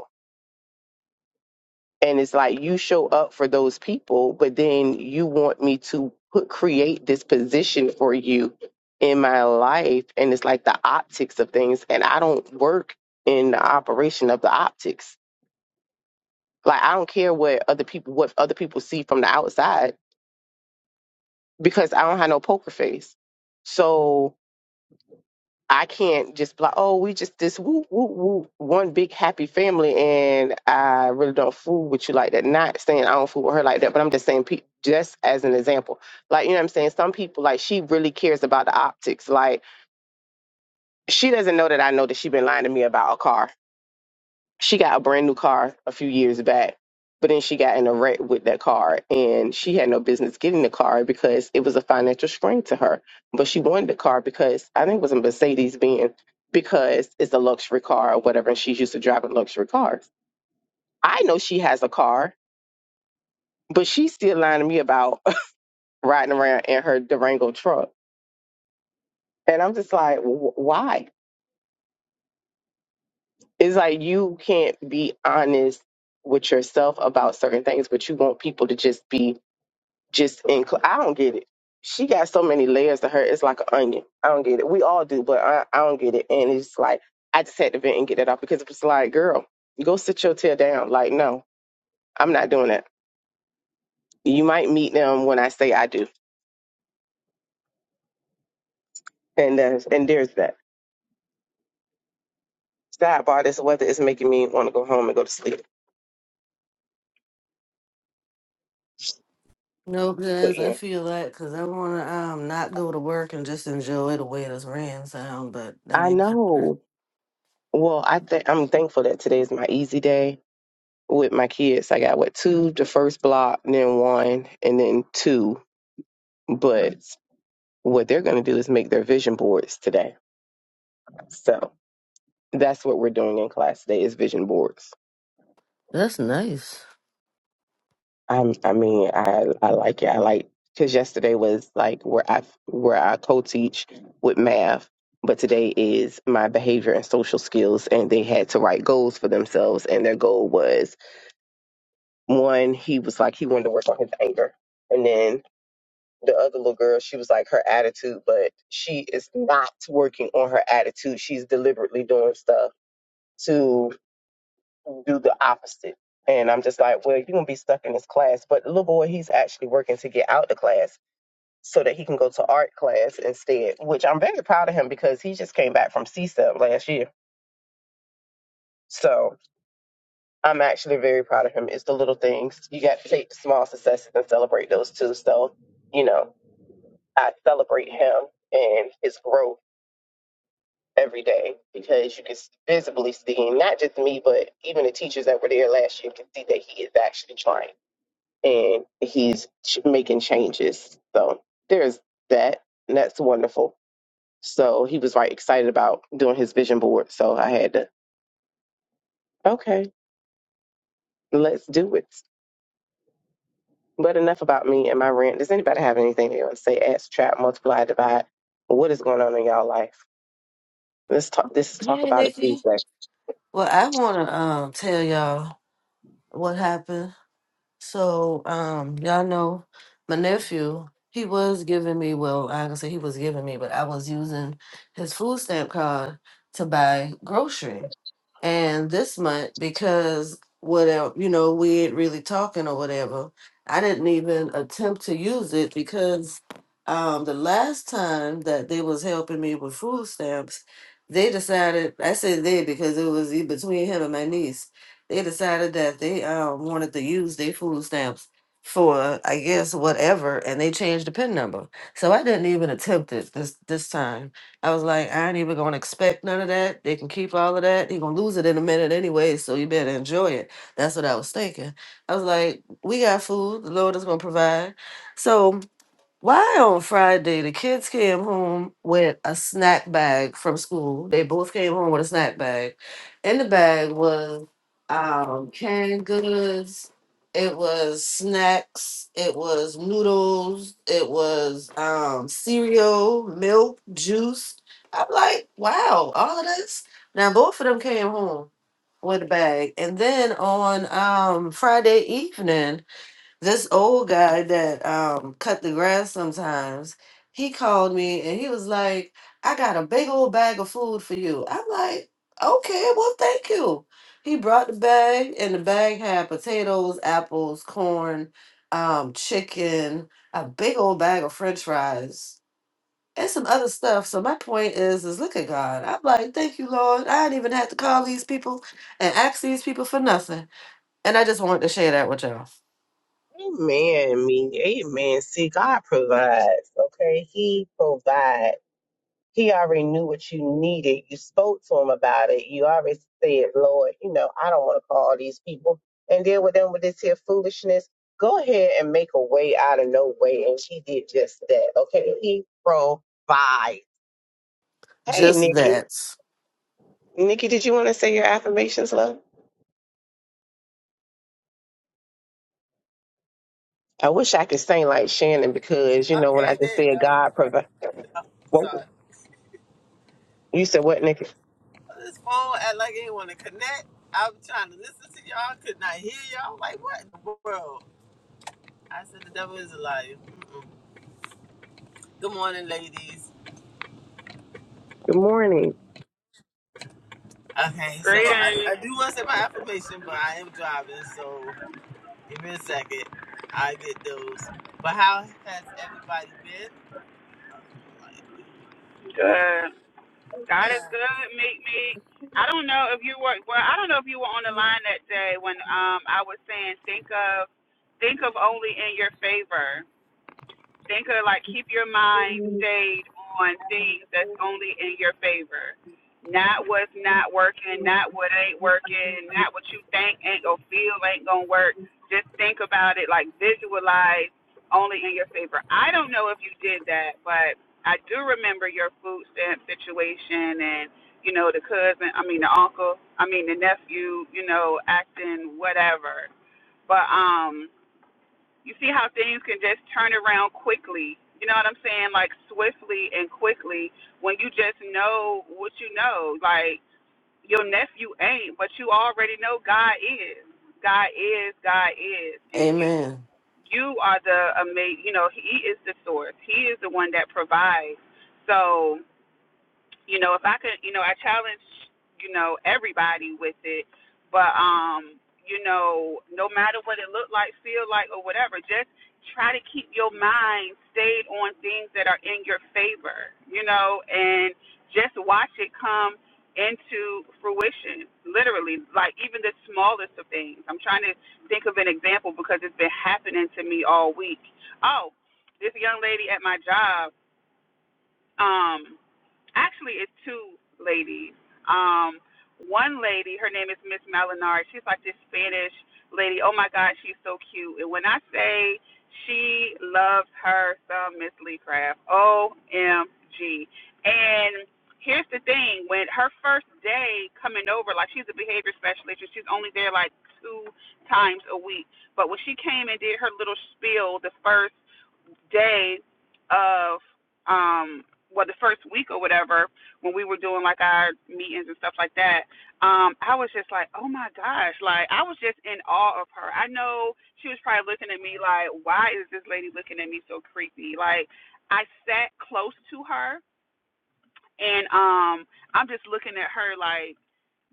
Speaker 1: and it's like you show up for those people but then you want me to put create this position for you in my life and it's like the optics of things and i don't work in the operation of the optics like i don't care what other people what other people see from the outside because i don't have no poker face so I can't just be like, oh, we just this woo woo woo one big happy family, and I really don't fool with you like that. Not saying I don't fool with her like that, but I'm just saying, pe- just as an example, like you know what I'm saying. Some people like she really cares about the optics. Like she doesn't know that I know that she been lying to me about a car she got a brand new car a few years back, but then she got in a wreck with that car and she had no business getting the car because it was a financial strain to her. But she wanted the car because I think it was a Mercedes Benz because it's a luxury car or whatever. And she's used to driving luxury cars. I know she has a car, but she's still lying to me about riding around in her Durango truck. And I'm just like, wh- why? It's like you can't be honest with yourself about certain things, but you want people to just be just in. cl- I don't get it. She got so many layers to her. It's like an onion. I don't get it. We all do, but I, I don't get it. And it's like I just had to vent and get that off because it was like, girl, go sit your tail down. Like, no, I'm not doing that. You might meet them when I say I do, and there's and there's that. Sidebar: This weather is making me want to go home and go to sleep.
Speaker 5: Nope,
Speaker 1: But
Speaker 5: Jazz, I
Speaker 1: yeah,
Speaker 5: feel that because I want to um not go to work and just enjoy the way this rain sound, but that
Speaker 1: I
Speaker 5: ain't happening.
Speaker 1: know. Well, I think I'm thankful that today is my easy day with my kids. I got what two, the first block, then one, and then two. But what they're going to do is make their vision boards today. So that's what we're doing in class today is vision boards.
Speaker 5: That's nice.
Speaker 1: i I mean, I, I like it. I like because yesterday was like where I where I co-teach with math, but today is my behavior and social skills, and they had to write goals for themselves, and their goal was one. He was like he wanted to work on his anger, and then the other little girl, she was like her attitude, but she is not working on her attitude. She's deliberately doing stuff to do the opposite. And I'm just like, well, you're gonna be stuck in this class. But the little boy, he's actually working to get out the class so that he can go to art class instead, which I'm very proud of him because he just came back from CSEP last year. So I'm actually very proud of him. It's the little things. You got to take the small successes and celebrate those too. So, you know, I celebrate him and his growth every day because you can visibly see, and not just me, but even the teachers that were there last year can see that he is actually trying. and he's ch- making changes. So there's that, and that's wonderful. So he was like excited about doing his vision board. So I had to, okay, let's do it. But enough about me and my rant. Does anybody have anything they want to say? Ask, trap, multiply, divide. What is going on in y'all life? Let's talk. This is talk
Speaker 5: Hey,
Speaker 1: about it
Speaker 5: Nikki.
Speaker 1: Tuesday.
Speaker 5: Well, I want to um tell y'all what happened. So, um, y'all know my nephew, he was giving me, well, I can say he was giving me, but I was using his food stamp card to buy grocery. And this month, because whatever, you know, we ain't really talking or whatever, I didn't even attempt to use it because um the last time that they was helping me with food stamps, they decided, I said they because it was e- between him and my niece they decided that they um, wanted to use their food stamps for I guess whatever, and they changed the pin number. So I didn't even attempt it this this time. I was like, I ain't even gonna expect none of that. They can keep all of that. You're gonna lose it in a minute anyway, so you better enjoy it. That's what I was thinking. I was like, we got food. The Lord is gonna provide. So why on Friday the kids came home with a snack bag from school. They both came home with a snack bag. In the bag was um canned goods, it was snacks, it was noodles, it was um cereal, milk, juice. I'm like, wow, all of this. Now both of them came home with a bag. And then on um Friday evening this old guy that um cut the grass sometimes he called me and he was like i got a big old bag of food for you i'm like okay well thank you he brought the bag and the bag had potatoes apples corn um chicken a big old bag of french fries and some other stuff so my point is is look at god i'm like thank you lord i didn't even have to call these people and ask these people for nothing and i just wanted to share that with y'all
Speaker 1: Amen. Me, amen. See, God provides. Okay, He provides. He already knew what you needed. You spoke to him about it. You already said, Lord, you know, I don't want to call these people and deal with them with this here foolishness. Go ahead and make a way out of no way. And he did just that. Okay. He provides. Hey,
Speaker 5: just
Speaker 1: Nikki.
Speaker 5: that
Speaker 1: Nikki, did you want to say your affirmations, love? I wish I could sing like Shannon because, you know, when I
Speaker 6: Okay,
Speaker 1: just
Speaker 6: there you
Speaker 1: said
Speaker 6: go.
Speaker 1: God provides. What,
Speaker 6: Sorry.
Speaker 1: you said what, Nikki?
Speaker 6: This phone act like it want to connect. I was trying to listen to y'all, could not hear y'all. I'm Like, what in the world? I said, the devil is a liar. Mm-mm. Good morning, ladies.
Speaker 1: Good morning.
Speaker 6: Okay, so I,
Speaker 2: Greetings.
Speaker 6: I do want to say my affirmation, but I am driving, so give me a second. I get those. But how has everybody been? Oh, come
Speaker 2: Good. God is good. Meet me. I don't know if you were well. I don't know if you were on the line that day when um I was saying think of think of only in your favor. Think of like keep your mind stayed on things that's only in your favor. Not what's not working, not what ain't working, not what you think ain't gonna feel ain't gonna work. Just think about it, like visualize only in your favor. I don't know if you did that, but I do remember your food stamp situation and you know, the cousin I mean the uncle, I mean the nephew, you know, acting whatever. But um you see how things can just turn around quickly. You know what I'm saying? Like swiftly and quickly when you just know what you know. Like your nephew ain't, but you already know God is. God is, God is. And you
Speaker 5: Amen.
Speaker 2: you are the amazing, you know, he is the source. He is the one that provides. So you know, if I could, you know, I challenge, you know, everybody with it, but um, you know, no matter what it looked like, feel like, or whatever, just try to keep your mind stayed on things that are in your favor, you know, and just watch it come into fruition, literally, like even the smallest of things. I'm trying to think of an example because it's been happening to me all week. Oh, this young lady at my job. Um, actually it's two ladies. Um, one lady, her name is Miss Malinar. She's like this Spanish lady. Oh my God, she's so cute. And when I say she loves her some Miss Lee Craft, O M G. And here's the thing: when her first day coming over, like she's a behavior specialist, and she's only there like two times a week. But when she came and did her little spiel, the first day of um well the first week or whatever when we were doing like our meetings and stuff like that um i was just like oh my gosh like i was just in awe of her i know she was probably looking at me like why is this lady looking at me so creepy like i sat close to her and um i'm just looking at her like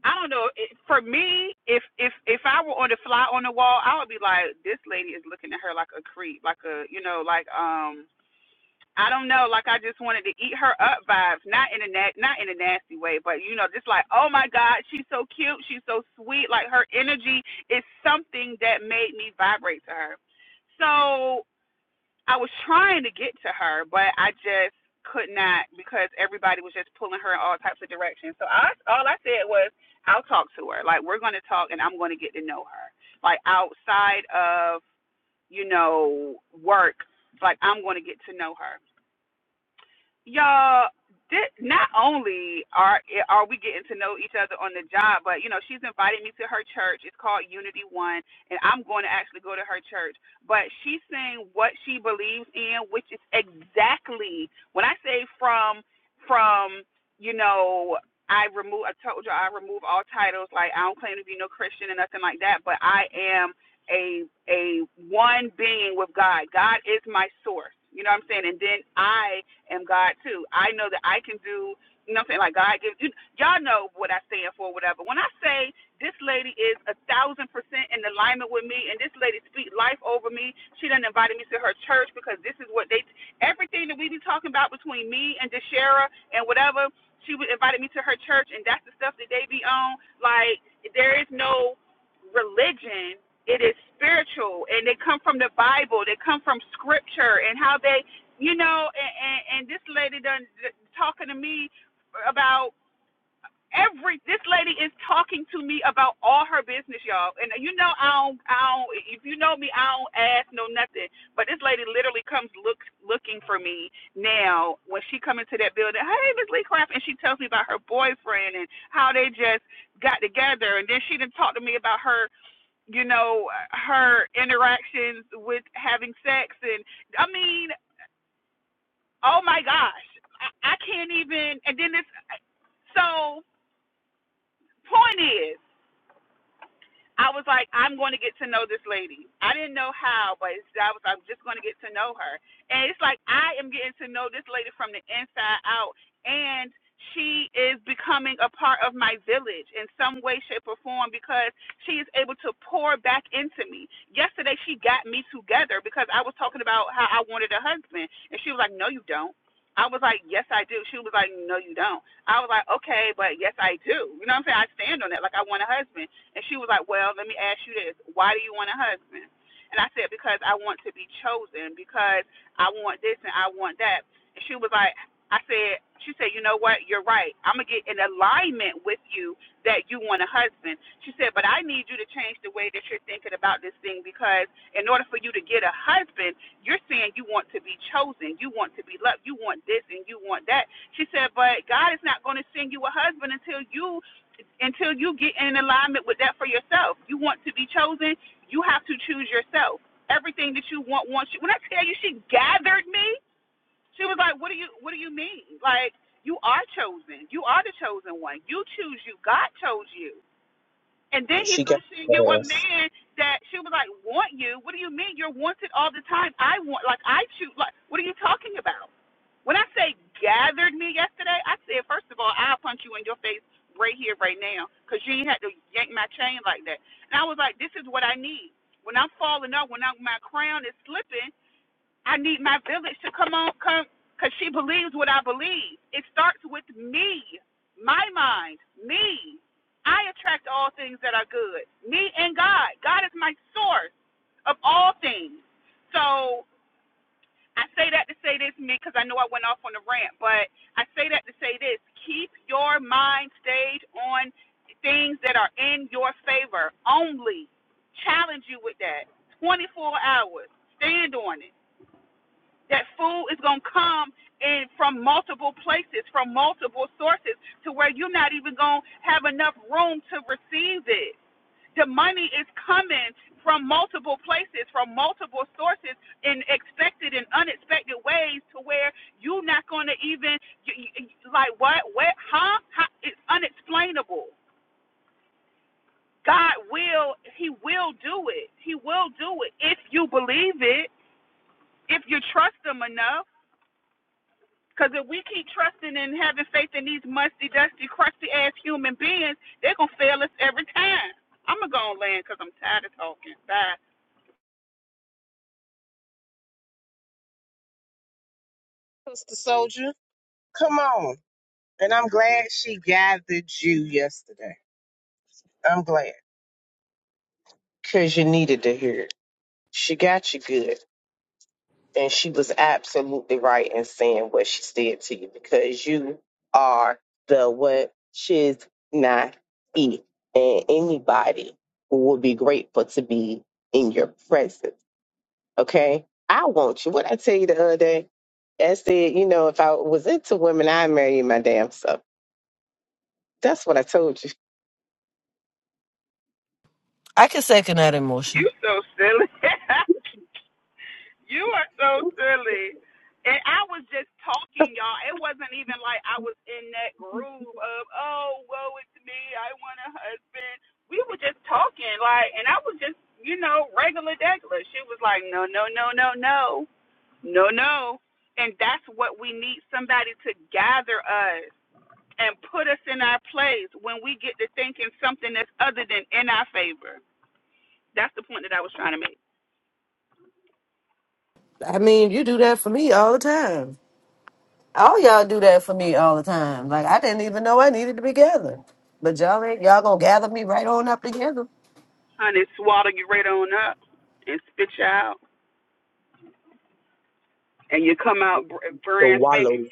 Speaker 2: I don't know. It, for me, if if if I were on the fly on the wall, I would be like, this lady is looking at her like a creep, like a you know, like um I don't know, like I just wanted to eat her up vibes, not in a na- not in a nasty way, but you know, just like, oh my God, she's so cute, she's so sweet. Like her energy is something that made me vibrate to her. So I was trying to get to her, but I just could not because everybody was just pulling her in all directions. So I all I said was, I'll talk to her. Like we're gonna talk, and I'm gonna get to know her. Like outside of you know work, like I'm gonna get to her. y'all did, not only are are we getting to know each other on the job, but you know she's invited me to her church. It's called Unity One, and I'm going to actually go to her church. But she's saying what she believes in, which is exactly when I say from from you know I remove I told you I remove all titles like I don't claim to be no Christian and nothing like that, but I am a a one being with God. God is my source. You know what I'm saying? And then I am God too. I know that I can do, you know what I'm saying? Like God gives you, y'all know what I stand for, whatever. When I say this lady is a thousand percent in alignment with me and this lady speak life over me, she done invited me to her church because this is what they, everything that we be talking about between me and DeShera and whatever, she would invited me to her church and that's the stuff that they be on. Like, there is no religion it is spiritual and they come from the bible they come from scripture and how they you know and and, and this lady done talking to me about every this lady is talking to me about all her business y'all and you know i don't i don't if you know me i don't ask no nothing but this lady literally comes look looking for me now when she come into that building hey miss lee craft and she tells me about her boyfriend and how they just got together and then she didn't talk to me about her you know, her interactions with having sex. And I mean, oh my gosh, I, I can't even. And then it's so point is, I was like, I'm going to get to know this lady. I didn't know how, but it's, I was, like, I'm just going to get to know her. And it's like I am getting to know this lady from the inside out, and she is becoming a part of my village in some way, shape, or form because she is able to pour back into me. Yesterday, she got me together because I was talking about how I wanted a husband, and she was like, No, you don't. I was like, yes, I do. She was like, no, you don't. I was like, okay, but yes, I do. You know what I'm saying? I stand on that. Like, I want a husband. And she was like, Well, let me ask you this. Why do you want a husband? And I said, Because I want to be chosen, because I want this and I want that. And she was like, I said, She said, You know what? You're right. I'm going to get in alignment with you that you want a husband. She said, But I need you to change the way that you're thinking about this thing because in order for you to get a husband, you're saying you want to be chosen, you want to be loved, you want this and you want that. She said, But God is not going to send you a husband until you until you get in alignment with that for yourself. You want to be chosen, you have to choose yourself. Everything that you want wants you. When I tell you she gathered me, she was like, What do you what do you mean? Like, you are chosen. You are the chosen one. You choose you. God chose you. And then he's
Speaker 1: She got
Speaker 2: gonna send you a
Speaker 1: us.
Speaker 2: man that she was like, want you? What do you mean? You're wanted all the time. I want, like, I choose. Like, what are you talking about? When I say gathered me yesterday, I said, first of all, I'll punch you in your face right here, right now because you ain't had to yank my chain like that. And I was like, this is what I need. When I'm falling off, when I, my crown is slipping, I need my village to come on, come, because she believes what I believe. It starts with me, my mind, me. I attract all things that are good. Me and God. God is my source of all things. So I say that to say this, me, because I know I went off on a rant, but I say that to say this. Keep your mind stayed on things that are in your favor only. Challenge you with that 24 hours. Stand on it that food is going to come in from multiple places, from multiple sources, to where you're not even going to have enough room to receive it. The money is coming from multiple places, from multiple sources, in expected and unexpected ways, to where you're not going to even, like, what, what, huh? How? It's unexplainable. God will, He will do it. He will do it if you believe it, if you trust Him enough. Because if we keep trusting and having faith in these musty, dusty, crusty ass human beings, they're going to fail us every time. I'm going to go on land because I'm tired of talking. Bye.
Speaker 1: Sister Soldier, come on. And I'm glad she gathered you yesterday. I'm glad. Because you needed to hear it. She got you good. And she was absolutely right in saying what she said to you because you are the what she's not eat. And anybody who would be grateful to be in your presence. Okay? I want you. What I tell you the other day? I said, you know, if I was into women, I'd marry my damn self. That's what I told you.
Speaker 5: I can second that
Speaker 2: You
Speaker 5: emotion.
Speaker 2: so silly. you are so silly. And I was just talking, y'all. It wasn't even like I was in that groove of, oh, woe it's me. I want a husband. We were just talking, like, and I was just, you know, regular degular. She was like, no, no, no, no, no. No, no. And that's what we need somebody to gather us and put us in our place when we get to thinking something that's other than in our favor. That's the point that I was trying to make.
Speaker 5: I mean, you do that for me all the time. All y'all do that for me all the time. Like I didn't even know I needed to be gathered, but y'all ain't y'all gonna gather me right on up together.
Speaker 2: Honey, swallow you right on up and spit you out. And you come out br-
Speaker 1: The
Speaker 2: brand spanking.
Speaker 1: wallow.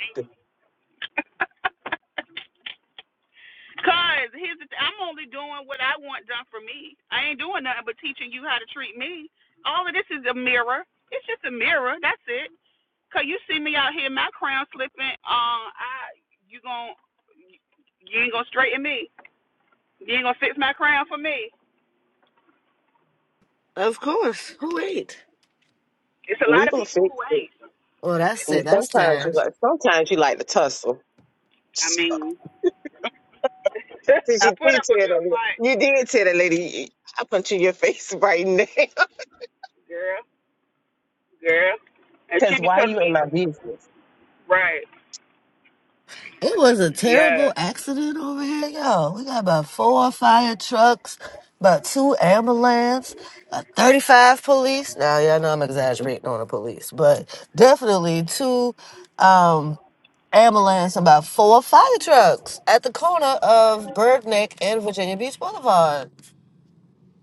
Speaker 2: Cause here's the th- I'm only doing what I want done for me. I ain't doing nothing but teaching you how to treat me. All of this is a mirror. It's just a mirror. That's it. Cause you see me out here, my crown slipping. Uh, I you gon' you ain't gonna straighten me. You ain't gonna fix my crown for me.
Speaker 5: Of course. Who ain't?
Speaker 2: It's a lot
Speaker 1: we
Speaker 2: of
Speaker 1: gonna
Speaker 2: people who
Speaker 1: fix it.
Speaker 2: ain't.
Speaker 5: Well, that's
Speaker 1: And
Speaker 5: it. That's
Speaker 1: sometimes you
Speaker 5: time.
Speaker 1: like sometimes you like to tussle.
Speaker 2: I mean,
Speaker 1: Since
Speaker 2: I
Speaker 1: you
Speaker 2: put
Speaker 1: did
Speaker 2: up a
Speaker 1: tell
Speaker 2: good
Speaker 1: that
Speaker 2: fight,
Speaker 1: la- you did tell that lady I punch you in your face right now.
Speaker 2: girl, girl, and she
Speaker 1: Cause
Speaker 2: be
Speaker 1: why
Speaker 2: telling
Speaker 1: you
Speaker 2: me,
Speaker 1: in my business?
Speaker 2: right,
Speaker 5: It was a
Speaker 2: yeah,
Speaker 5: terrible accident over here, y'all. We got about four fire trucks, about two ambulance, about 35 police. Now, y'all know I'm exaggerating on the police, but definitely two. um, ambulance about four fire trucks at the corner of Bergneck and Virginia Beach Boulevard.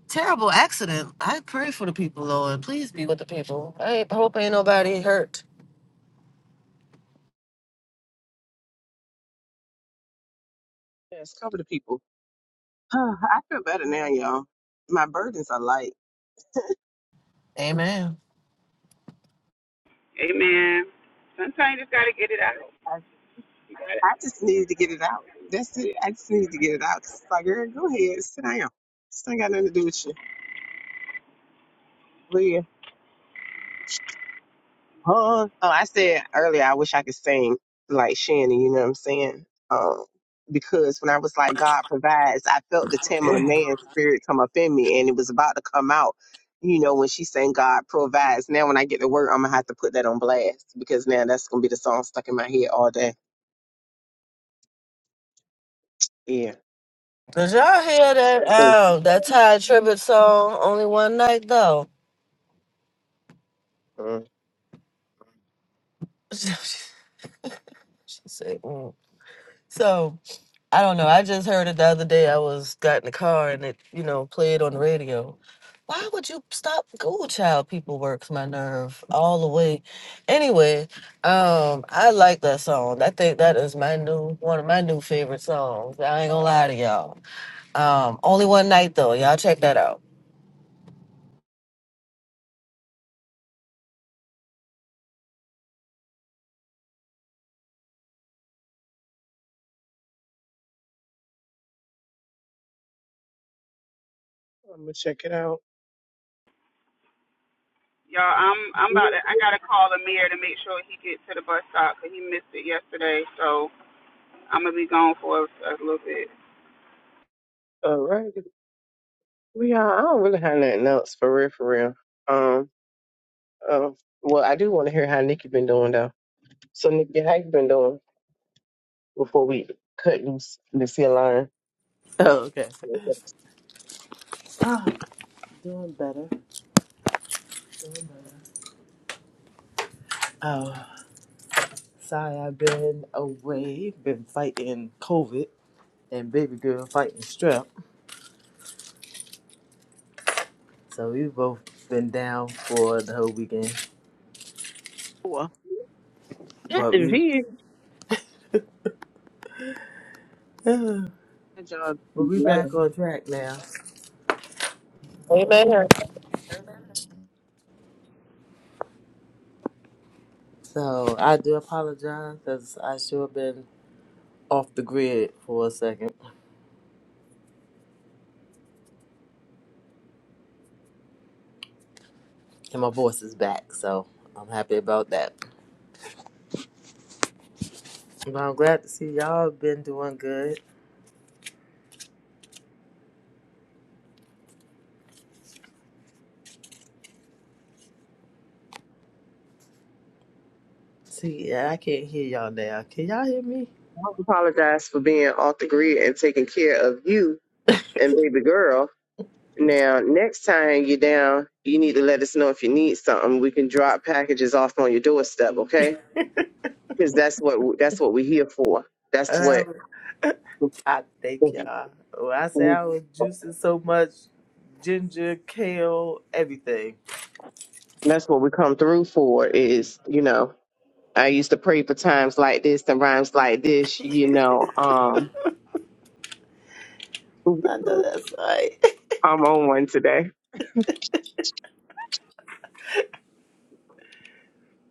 Speaker 5: Terrible accident. I pray for the people, Lord. Please be with the people. I ain't- hope ain't nobody hurt.
Speaker 1: Yes, cover the people. I feel better now, y'all. My burdens are light.
Speaker 5: Amen.
Speaker 2: amen. Sometimes you just gotta get it out.
Speaker 1: I, I just needed to get it out. That's it. I just needed to get it out. 'Cause it's like, girl, go ahead, sit down. This ain't got nothing to do with you. Huh? Oh, I said earlier, I wish I could sing like Shannon, you know what I'm saying? Um, because when I was like, God provides, I felt the Tamala man spirit come up in me and it was about to come out, you know, when she sang God provides. Now, when I get to work, I'm going to have to put that on blast because now that's going to be the song stuck in my head all day. Yeah.
Speaker 5: Did y'all hear that
Speaker 1: So
Speaker 5: Oh, that Ty tribute song? Only one night though.
Speaker 1: uh,
Speaker 5: she said, mm. so. I don't know. I just heard it the other day. I was got in the car and it, you know, played on the radio. Why would you stop Google Child? People works my nerve all the way. Anyway, um, I like that song. I think that is my new one of my new favorite songs. I ain't gonna lie to y'all. Um, only one night though. Y'all check that out.
Speaker 1: I'm going to check it out.
Speaker 2: Y'all, I'm I'm about to. I gotta call the mayor to make sure he gets to the bus stop, cause he missed it yesterday. So I'm gonna be gone for a, a little bit.
Speaker 1: All right. We are, I don't really have nothing else for real, for real. Um, um, well, I do want to hear how Nikki been doing though. So Nikki, how you been doing? before we cut loose this here line.
Speaker 6: on, light. Uh, oh, okay. Ah, doing better. Oh, sorry, I've been away, been fighting COVID. and baby girl fighting strep. So we have both been down for the whole weekend,
Speaker 1: Or That
Speaker 6: but we
Speaker 1: division.
Speaker 6: but
Speaker 1: Y'all
Speaker 6: we
Speaker 1: better
Speaker 6: back on track now.
Speaker 5: Amen.
Speaker 6: So I do apologize because I sure been off the grid for a second, and my voice is back. So I'm happy about that. But I'm glad to see y'all been doing good. See, yeah, I can't hear y'all now. Can y'all hear me?
Speaker 1: apologize for being off the grid and taking care of you and baby girl. Now, next time you're down, you need to let us know if you need something. We can drop packages off on your doorstep, okay? Because that's what that's what we're here for. That's what
Speaker 6: Um, I thank
Speaker 1: we,
Speaker 6: y'all. When I say I was juicing so much ginger, kale, everything.
Speaker 1: that's what we come through for. Is you know, I used to pray for times like this and rhymes like this. You know, um,
Speaker 6: I know that's right.
Speaker 1: I'm on one today.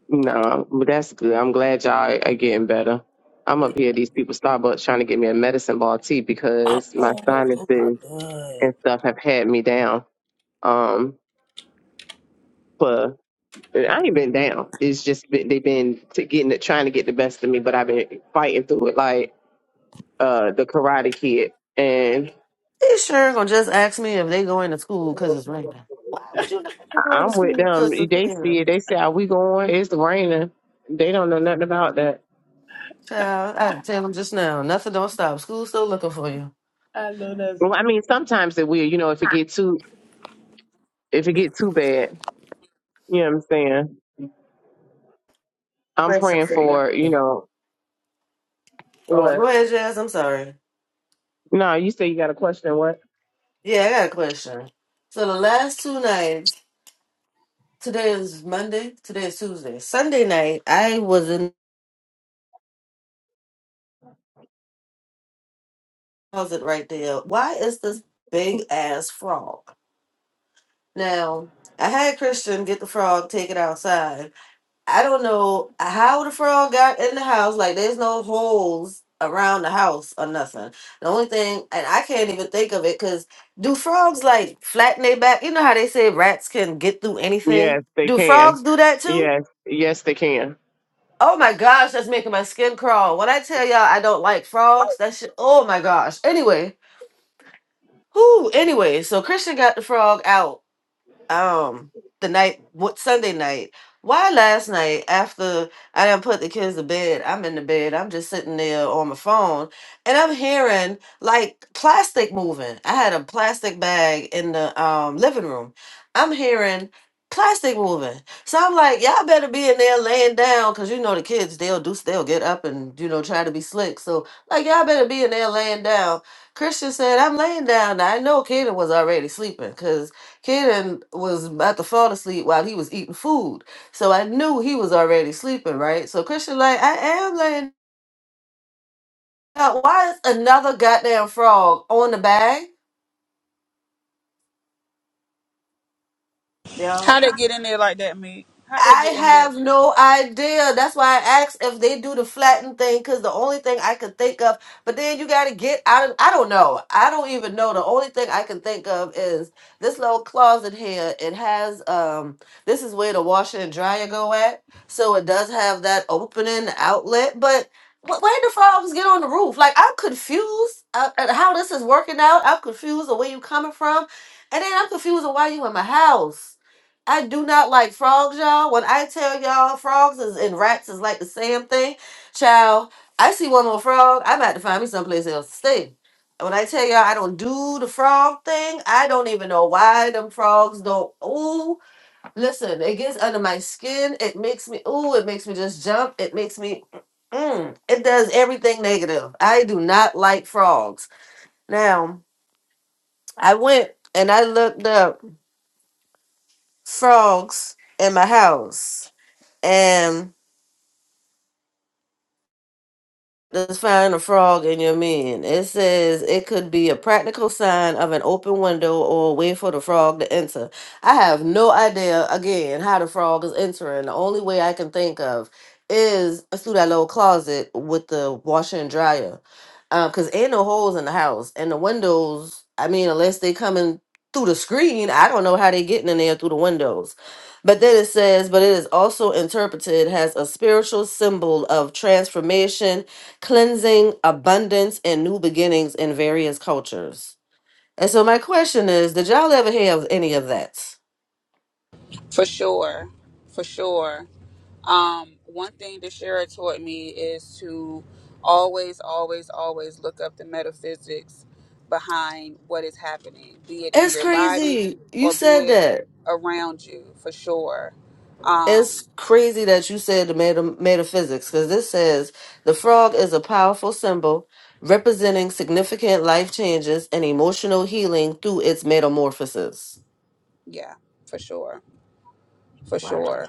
Speaker 1: No, but that's good. I'm glad y'all are getting better. I'm up here at these people Starbucks trying to get me a medicine ball tea because my
Speaker 6: Oh, those are
Speaker 1: sinuses
Speaker 6: good.
Speaker 1: and stuff have had me down. Um, for I ain't been down. It's just been, they've been to getting it, trying to get the best of me, but I've been fighting through it like uh the Karate Kid. And
Speaker 5: They sure gonna just ask me if they going to school because it's raining. Why would you not be
Speaker 1: I-
Speaker 5: going to
Speaker 1: I'm with
Speaker 5: school
Speaker 1: them.
Speaker 5: just to
Speaker 1: They
Speaker 5: raining?
Speaker 1: see it. They say, "Are we going? It's raining." They don't know nothing about that.
Speaker 5: Child, I tell them just now. Nothing don't stop. School's still looking for you.
Speaker 6: I know
Speaker 1: Well, I mean, sometimes it will. You know, if it get too if it get too bad. You know what I'm saying? I'm
Speaker 5: question
Speaker 1: praying
Speaker 5: for
Speaker 1: for, you
Speaker 5: you.
Speaker 1: know,
Speaker 5: Oh,
Speaker 1: what?
Speaker 5: go ahead, Jazz. I'm sorry.
Speaker 1: No, you say you got a question, what?
Speaker 5: Yeah, I got a question. So the last two nights, today is Monday, today is Tuesday. Sunday night, I was in the closet right there. Why is this big ass frog? Now, I had Christian get the frog, take it outside. I don't know how the frog got in the house. Like, there's no holes around the house or nothing. The only thing, and I can't even think of it, because do frogs like flatten their back? You know how they say rats can get through anything?
Speaker 1: Yes, they
Speaker 5: Do
Speaker 1: can.
Speaker 5: frogs do that too?
Speaker 1: Yes, yes, they can.
Speaker 5: Oh my gosh, that's making my skin crawl. When I tell y'all I don't like frogs, that shit, oh my gosh. Anyway, whoo, anyway, so Christian got the frog out um the night what Sunday night. Why last night after I done put the kids to bed, I'm in the bed, I'm just sitting there on my phone and I'm hearing like plastic moving. I had a plastic bag in the um living room. I'm hearing plastic moving. So I'm like, y'all better be in there laying down because you know the kids they'll do they'll get up and you know try to be slick. So like y'all better be in there laying down. Christian said, I'm laying down. Now I know Kaden was already sleeping, cause. Kaden was about to fall asleep while he was eating food. So I knew he was already sleeping, right? So Christian, like, I am laying out. Why is another goddamn frog on the bag? Yeah.
Speaker 2: How they get in there like that, me? How they
Speaker 5: I
Speaker 2: get in there?
Speaker 5: have no idea. That's why I asked if they do the flatten thing, because the only thing I could think of, but then you got to get out of, I don't know. I don't even know. The only thing I can think of is this little closet here. It has, um, this is where the washer and dryer go at. So it does have that opening outlet, but wh- where did the frogs get on the roof? Like, I'm confused uh, at how this is working out. I'm confused the way you coming from. And then I'm confused on why you in my house. I do not like frogs, y'all. When I tell y'all frogs is, and rats is like the same thing, child, I see one more frog, I'm about to find me someplace else to stay. When I tell y'all I don't do the frog thing, I don't even know why them frogs don't. Ooh, listen, it gets under my skin. It makes me, ooh, it makes me just jump. It makes me, mm, it does everything negative. I do not like frogs. Now, I went and I looked up frogs in my house Um, Let's find a frog in your man. It says it could be a practical sign of an open window or a way for the frog to enter. I have no idea, again, how the frog is entering. The only way I can think of is through that little closet with the washer and dryer. Because ain't no holes in the house. And the windows, I mean, unless they coming through the screen, I don't know how they getting in there through the windows. But then it says, but it is also interpreted as a spiritual symbol of transformation cleansing, abundance, and new beginnings in various cultures. And so my question is, did y'all ever hear of any of that?
Speaker 2: For sure, for sure. Um, one thing the Shara taught me is to always, always, always look up the metaphysics behind what is happening, be it in
Speaker 5: It's
Speaker 2: your body
Speaker 5: crazy. You
Speaker 2: or be
Speaker 5: said
Speaker 2: it
Speaker 5: that.
Speaker 2: around you. For sure. Um,
Speaker 5: It's crazy that you said the meta- metaphysics, because this says the frog is a powerful symbol representing significant life changes and emotional healing through its metamorphosis.
Speaker 2: yeah, for sure. for
Speaker 5: Wow.
Speaker 2: sure.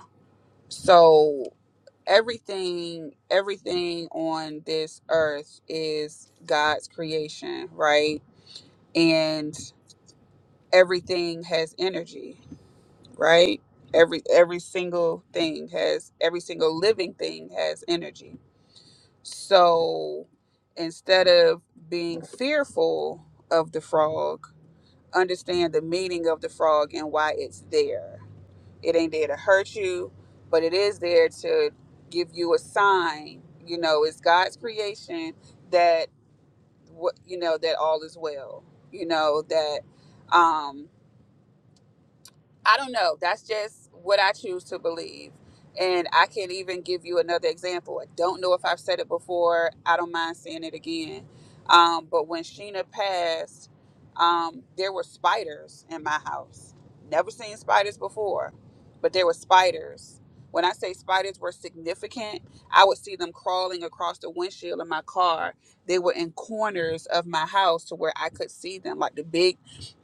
Speaker 2: So everything, everything on this earth is God's creation, right? And everything has energy, right? Every every single thing has every single living thing has energy. So instead of being fearful of the frog, understand the meaning of the frog and why it's there It ain't there to hurt you, but it is there to give you a sign. You know, it's God's creation that what you know that all is well. You know that. Um, I don't know. That's just what I choose to believe. And I can't even give you another example. I don't know if I've said it before. I don't mind saying it again. Um, but when Sheena passed, um, there were spiders in my house. Never seen spiders before, but there were spiders. When I say spiders were significant, I would see them crawling across the windshield of my car. They were in corners of my house to where I could see them, like the big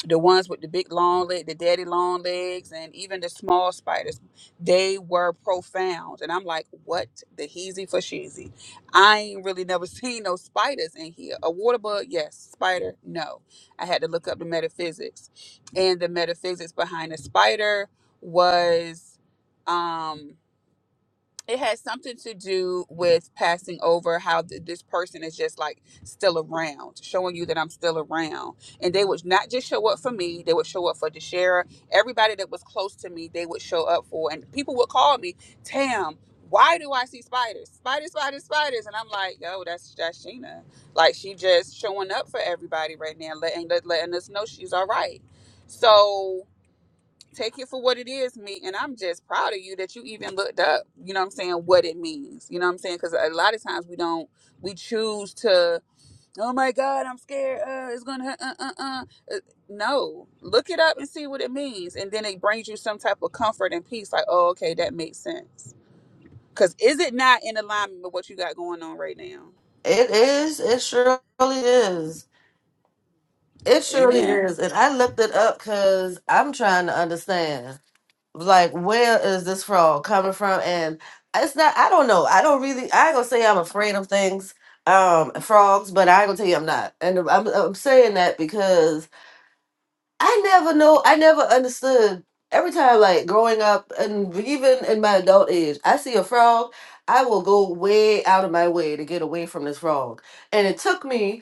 Speaker 2: the ones with the big long leg, the daddy long legs, and even the small spiders, they were profound. And I'm like, what the heezy for sheezy? I ain't really never seen no spiders in here. A water bug, yes. Spider, no. I had to look up the metaphysics. And the metaphysics behind the spider was um, it has something to do with passing over how th- this person is just like still around showing you that i'm still around and they would not just show up for me they would show up for deshara everybody that was close to me they would show up for and people would call me tam why do i see spiders spiders spiders spiders and i'm like yo that's that's sheena like she just showing up for everybody right now letting let- letting us know she's all right so take it for what it is me and i'm just proud of you that you even looked up you know what i'm saying what it means you know what i'm saying because a lot of times we don't we choose to oh my god i'm scared uh it's gonna uh uh uh Uh, no look it up and see what it means and then it brings you some type of comfort and peace like oh okay that makes sense because is it not in alignment with what you got going on right now
Speaker 5: It is. It surely is. It surely
Speaker 2: amen
Speaker 5: is. And I looked it up because I'm trying to understand. like where is this fraud coming from and it's not i don't know i don't really i ain't gonna say i'm afraid of things um frogs but i ain't gonna tell you i'm not and i'm, I'm saying that because i never know i never understood every time like growing up and even in my adult age i see a frog i will go way out of my way to get away from this frog and it took me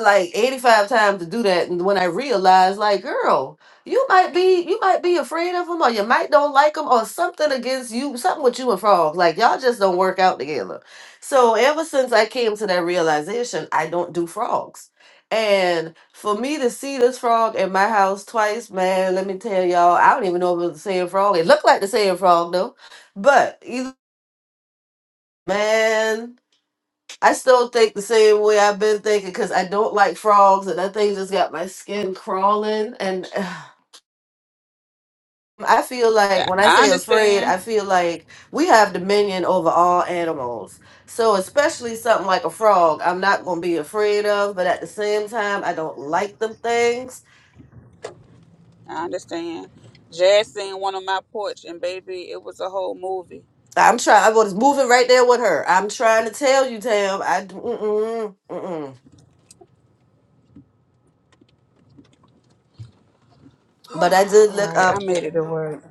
Speaker 5: like 85 times to do that and when i realized like girl you might be you might be afraid of him or you might don't like him or something against you something with you and frog like y'all just don't work out together so ever since i came to that realization i don't do frogs and for me to see this frog in my house twice man let me tell y'all i don't even know if it was the same frog it looked like the same frog though but either man I still think the same way I've been thinking because I don't like frogs, and that thing just got my skin crawling. And I feel like
Speaker 2: i
Speaker 5: when I
Speaker 2: I
Speaker 5: say afraid,
Speaker 2: understand
Speaker 5: I feel like we have dominion over all animals. So, especially something like a frog, I'm not going to be afraid of, but at the same time, I don't like them things.
Speaker 2: i understand jazz seen one on my porch and baby it was a whole movie
Speaker 5: I'm trying, I was moving right there with her. I'm trying to tell you, Tam, I, d- mm-mm, mm-mm. but I did
Speaker 2: All
Speaker 5: look
Speaker 2: right, I
Speaker 5: up
Speaker 2: made it to work.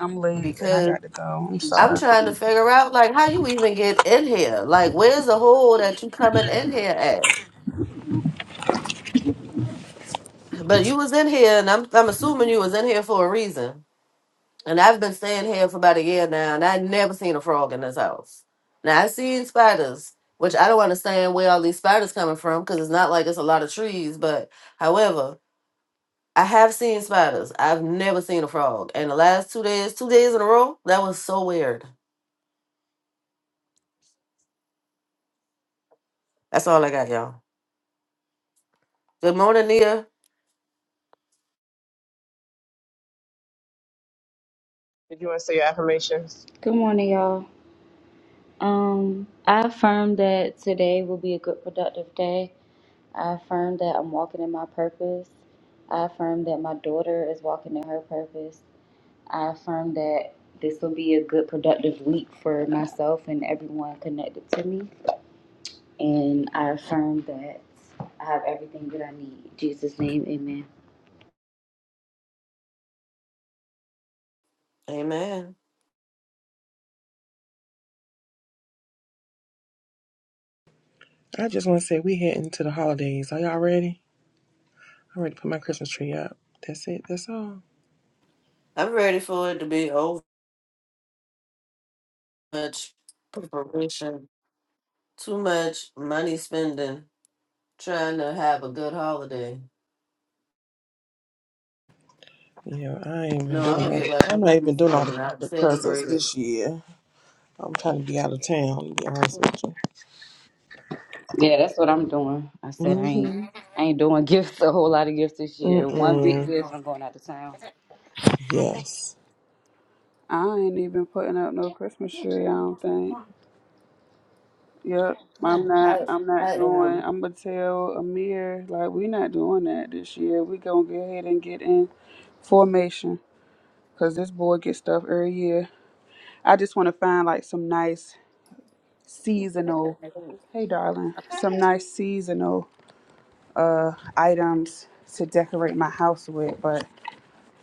Speaker 2: I'm late and I
Speaker 5: because.
Speaker 2: got to go. I'm
Speaker 5: I'm
Speaker 2: sorry.
Speaker 5: trying to figure out like how you even get in here. Like where's the hole that you coming in here at? But you was in here and I'm I'm assuming you was in here for a reason. And I've been staying here for about a year now and I never seen a frog in this house. Now I seen spiders, which I don't understand where all these spiders coming from because it's not like it's a lot of trees, but however, I have seen spiders. I've never seen a frog. And the last two days, two days in a row, that was so weird. That's all I got, y'all. Good morning, Nia.
Speaker 1: Did you want to say your affirmations?
Speaker 7: Good morning, y'all. Um, I affirm that today will be a good, productive day. I affirm that I'm walking in my purpose. I affirm that my daughter is walking in her purpose. I affirm that this will be a good, productive week for myself and everyone connected to me. And I affirm that I have everything that I need. In Jesus' name, amen.
Speaker 5: Amen.
Speaker 3: I just want to say we heading to the holidays. Are y'all ready? I already put my Christmas tree up. That's it. That's all.
Speaker 5: I'm ready for it to be over. Much preparation, too much money spending, trying to have a good holiday.
Speaker 3: Yeah, I ain't been
Speaker 5: No,
Speaker 3: doing.
Speaker 5: I'm gonna
Speaker 3: All,
Speaker 5: get like
Speaker 3: I'm
Speaker 5: other
Speaker 3: not even doing
Speaker 5: people
Speaker 3: all
Speaker 5: and
Speaker 3: the,
Speaker 5: not
Speaker 3: the presents
Speaker 5: celebrate it.
Speaker 3: this year. I'm trying to be out of town. To be honest with
Speaker 7: Yeah, that's what I'm doing. I said I ain't,
Speaker 3: you.
Speaker 7: I ain't doing gifts, a whole lot of gifts this
Speaker 3: Mm-hmm.
Speaker 7: year. One big
Speaker 3: Mm-mm.
Speaker 7: gift,
Speaker 5: Come
Speaker 7: I'm going out of town.
Speaker 3: Yes.
Speaker 2: I ain't even putting up no Christmas tree. I don't think. Yep, I'm
Speaker 5: on,
Speaker 2: not.
Speaker 5: I,
Speaker 2: I'm not
Speaker 5: I
Speaker 2: doing.
Speaker 5: am.
Speaker 2: I'm gonna tell Amir like we not doing that this year. We gonna go ahead and get in formation because this boy gets stuff every year. I just want to find like some nice seasonal. Hey, darling, some nice seasonal items to decorate my house with. But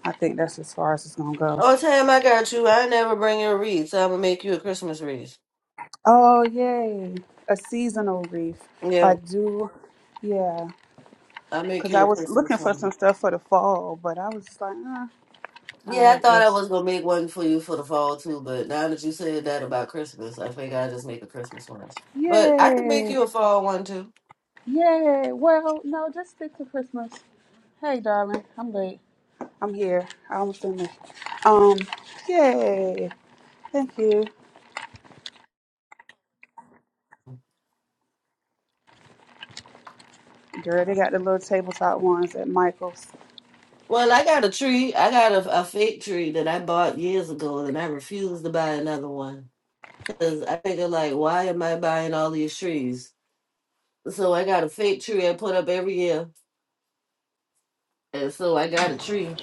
Speaker 2: I think that's as far as it's gonna go.
Speaker 5: Oh, Tam, I got you. I never bring you a wreath, so I'm gonna make you a Christmas wreath.
Speaker 2: Oh, yay. A seasonal wreath.
Speaker 5: Yeah,
Speaker 2: Like, do, yeah.
Speaker 5: I make
Speaker 2: Because
Speaker 5: you
Speaker 2: I
Speaker 5: a
Speaker 2: was looking
Speaker 5: Christmas
Speaker 2: for
Speaker 5: one.
Speaker 2: some stuff for the fall, but I was just like, uh,
Speaker 5: Yeah, I
Speaker 2: I'll
Speaker 5: thought I
Speaker 2: just,
Speaker 5: was gonna make one for you for the fall too, but now that you said that about Christmas, I think I just make a Christmas one. But I can make
Speaker 2: yay,
Speaker 5: you a fall one too.
Speaker 2: yay. Well, no, just stick to Christmas. Hey, darling, I'm late. I'm here. I almost finished. Um, yay. Thank you. Girl, they got the little tabletop ones at Michael's.
Speaker 5: Well, I got a tree. I got a, a fake tree that I bought years ago, and I refused to buy another one because I figured like, why am I buying all these trees? So I got a fake tree I put up every year, and so I got a tree.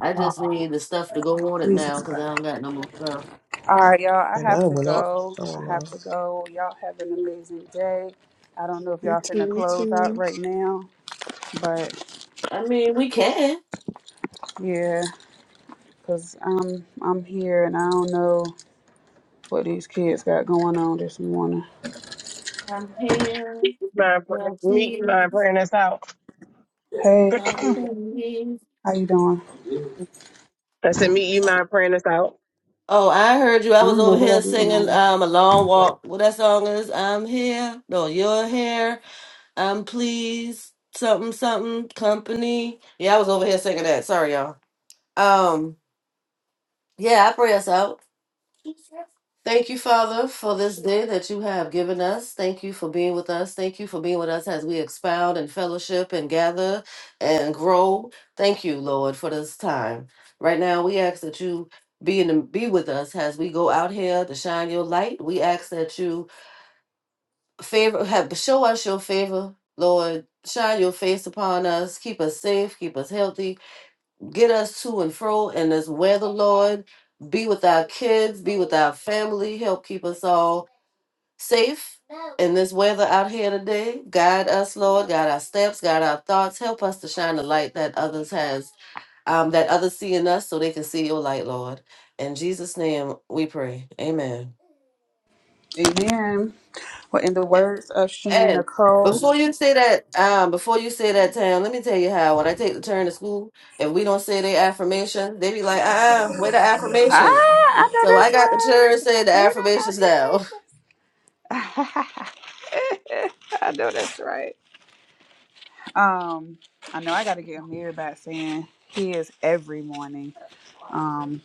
Speaker 5: I just need the stuff to go on it now
Speaker 2: Jesus
Speaker 5: because I don't got no more stuff.
Speaker 2: All right, y'all. I
Speaker 3: And
Speaker 2: have
Speaker 3: I
Speaker 2: to
Speaker 3: went off.
Speaker 2: go.
Speaker 3: I
Speaker 2: I
Speaker 3: went
Speaker 2: have to
Speaker 3: off.
Speaker 2: go. Y'all have an amazing day. I don't know if
Speaker 3: You
Speaker 2: y'all
Speaker 3: too.
Speaker 2: finna
Speaker 3: You
Speaker 2: close out
Speaker 3: too.
Speaker 2: right now, but
Speaker 5: I mean, we can.
Speaker 2: yeah, cause I'm I'm here and I don't know what these kids got going on this morning.
Speaker 5: I'm here.
Speaker 1: Mind,
Speaker 5: Well,
Speaker 1: meet you mind
Speaker 5: please.
Speaker 1: praying us out.
Speaker 2: Hey,
Speaker 5: I'm gonna leave.
Speaker 2: how you doing?
Speaker 1: I said, meet you mind praying us out.
Speaker 5: Oh, I heard you. I
Speaker 2: I
Speaker 5: was
Speaker 2: don't know
Speaker 5: over
Speaker 2: what I
Speaker 5: here
Speaker 2: do with my
Speaker 5: singing
Speaker 2: walk.
Speaker 5: um a long walk. What that song is? I'm here. No, you're here. I'm pleased. Something, something. Company. Yeah, I was over here singing that. Sorry, y'all. Um, yeah, I pray us out. Thank you, Father, for this day that you have given us. Thank you for being with us. Thank you for being with us as we expound and fellowship and gather and grow. Thank you, Lord, for this time. Right now, we ask that you be in be with us as we go out here to shine your light. We ask that you favor have show us your favor, Lord. Shine your face upon us. Keep us safe. Keep us healthy get us to and fro in this weather, Lord. Be with our kids, be with our family, help keep us all safe in this weather out here today. Guide us, Lord, guide our steps, guide our thoughts, help us to shine the light that others has, um, that others see in us so they can see your light, Lord. In Jesus' name we pray. Amen.
Speaker 2: Amen. Well, in the words of Sheena
Speaker 5: And
Speaker 2: Nicole,
Speaker 5: before you say that, um, before you say that, Tam, let me tell you how when I take the turn to school, if we don't say their affirmation, they be like, uh uh, where the
Speaker 2: ah,
Speaker 5: affirmations?
Speaker 2: I know
Speaker 5: So I
Speaker 2: that's
Speaker 5: got
Speaker 2: right.
Speaker 5: the chair saying the
Speaker 2: Say them
Speaker 5: affirmations now.
Speaker 2: affirmations. I know that's right. Um, I know I got to get Amir back saying he is every morning. Um,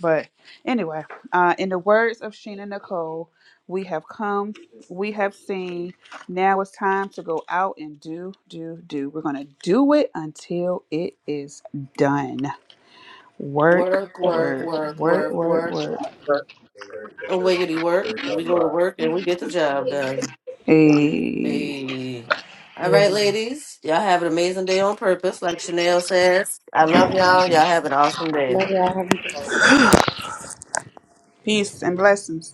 Speaker 2: but anyway, uh, in the words of Sheena Nicole, we have come, we have seen. Now it's time to go out and do, do, do. We're gonna do it until it is done. Work,
Speaker 5: Work, work,
Speaker 2: work,
Speaker 5: work,
Speaker 2: work,
Speaker 5: work,
Speaker 2: work,
Speaker 5: work.
Speaker 2: work.
Speaker 5: A wiggity work. We go to work and we get the job done.
Speaker 2: Hey,
Speaker 5: Hey. All right, ladies. Y'all have an amazing day on purpose. Like Chanel says, I love y'all. Y'all have an awesome day.
Speaker 7: Love y'all. Have a good
Speaker 2: peace and blessings.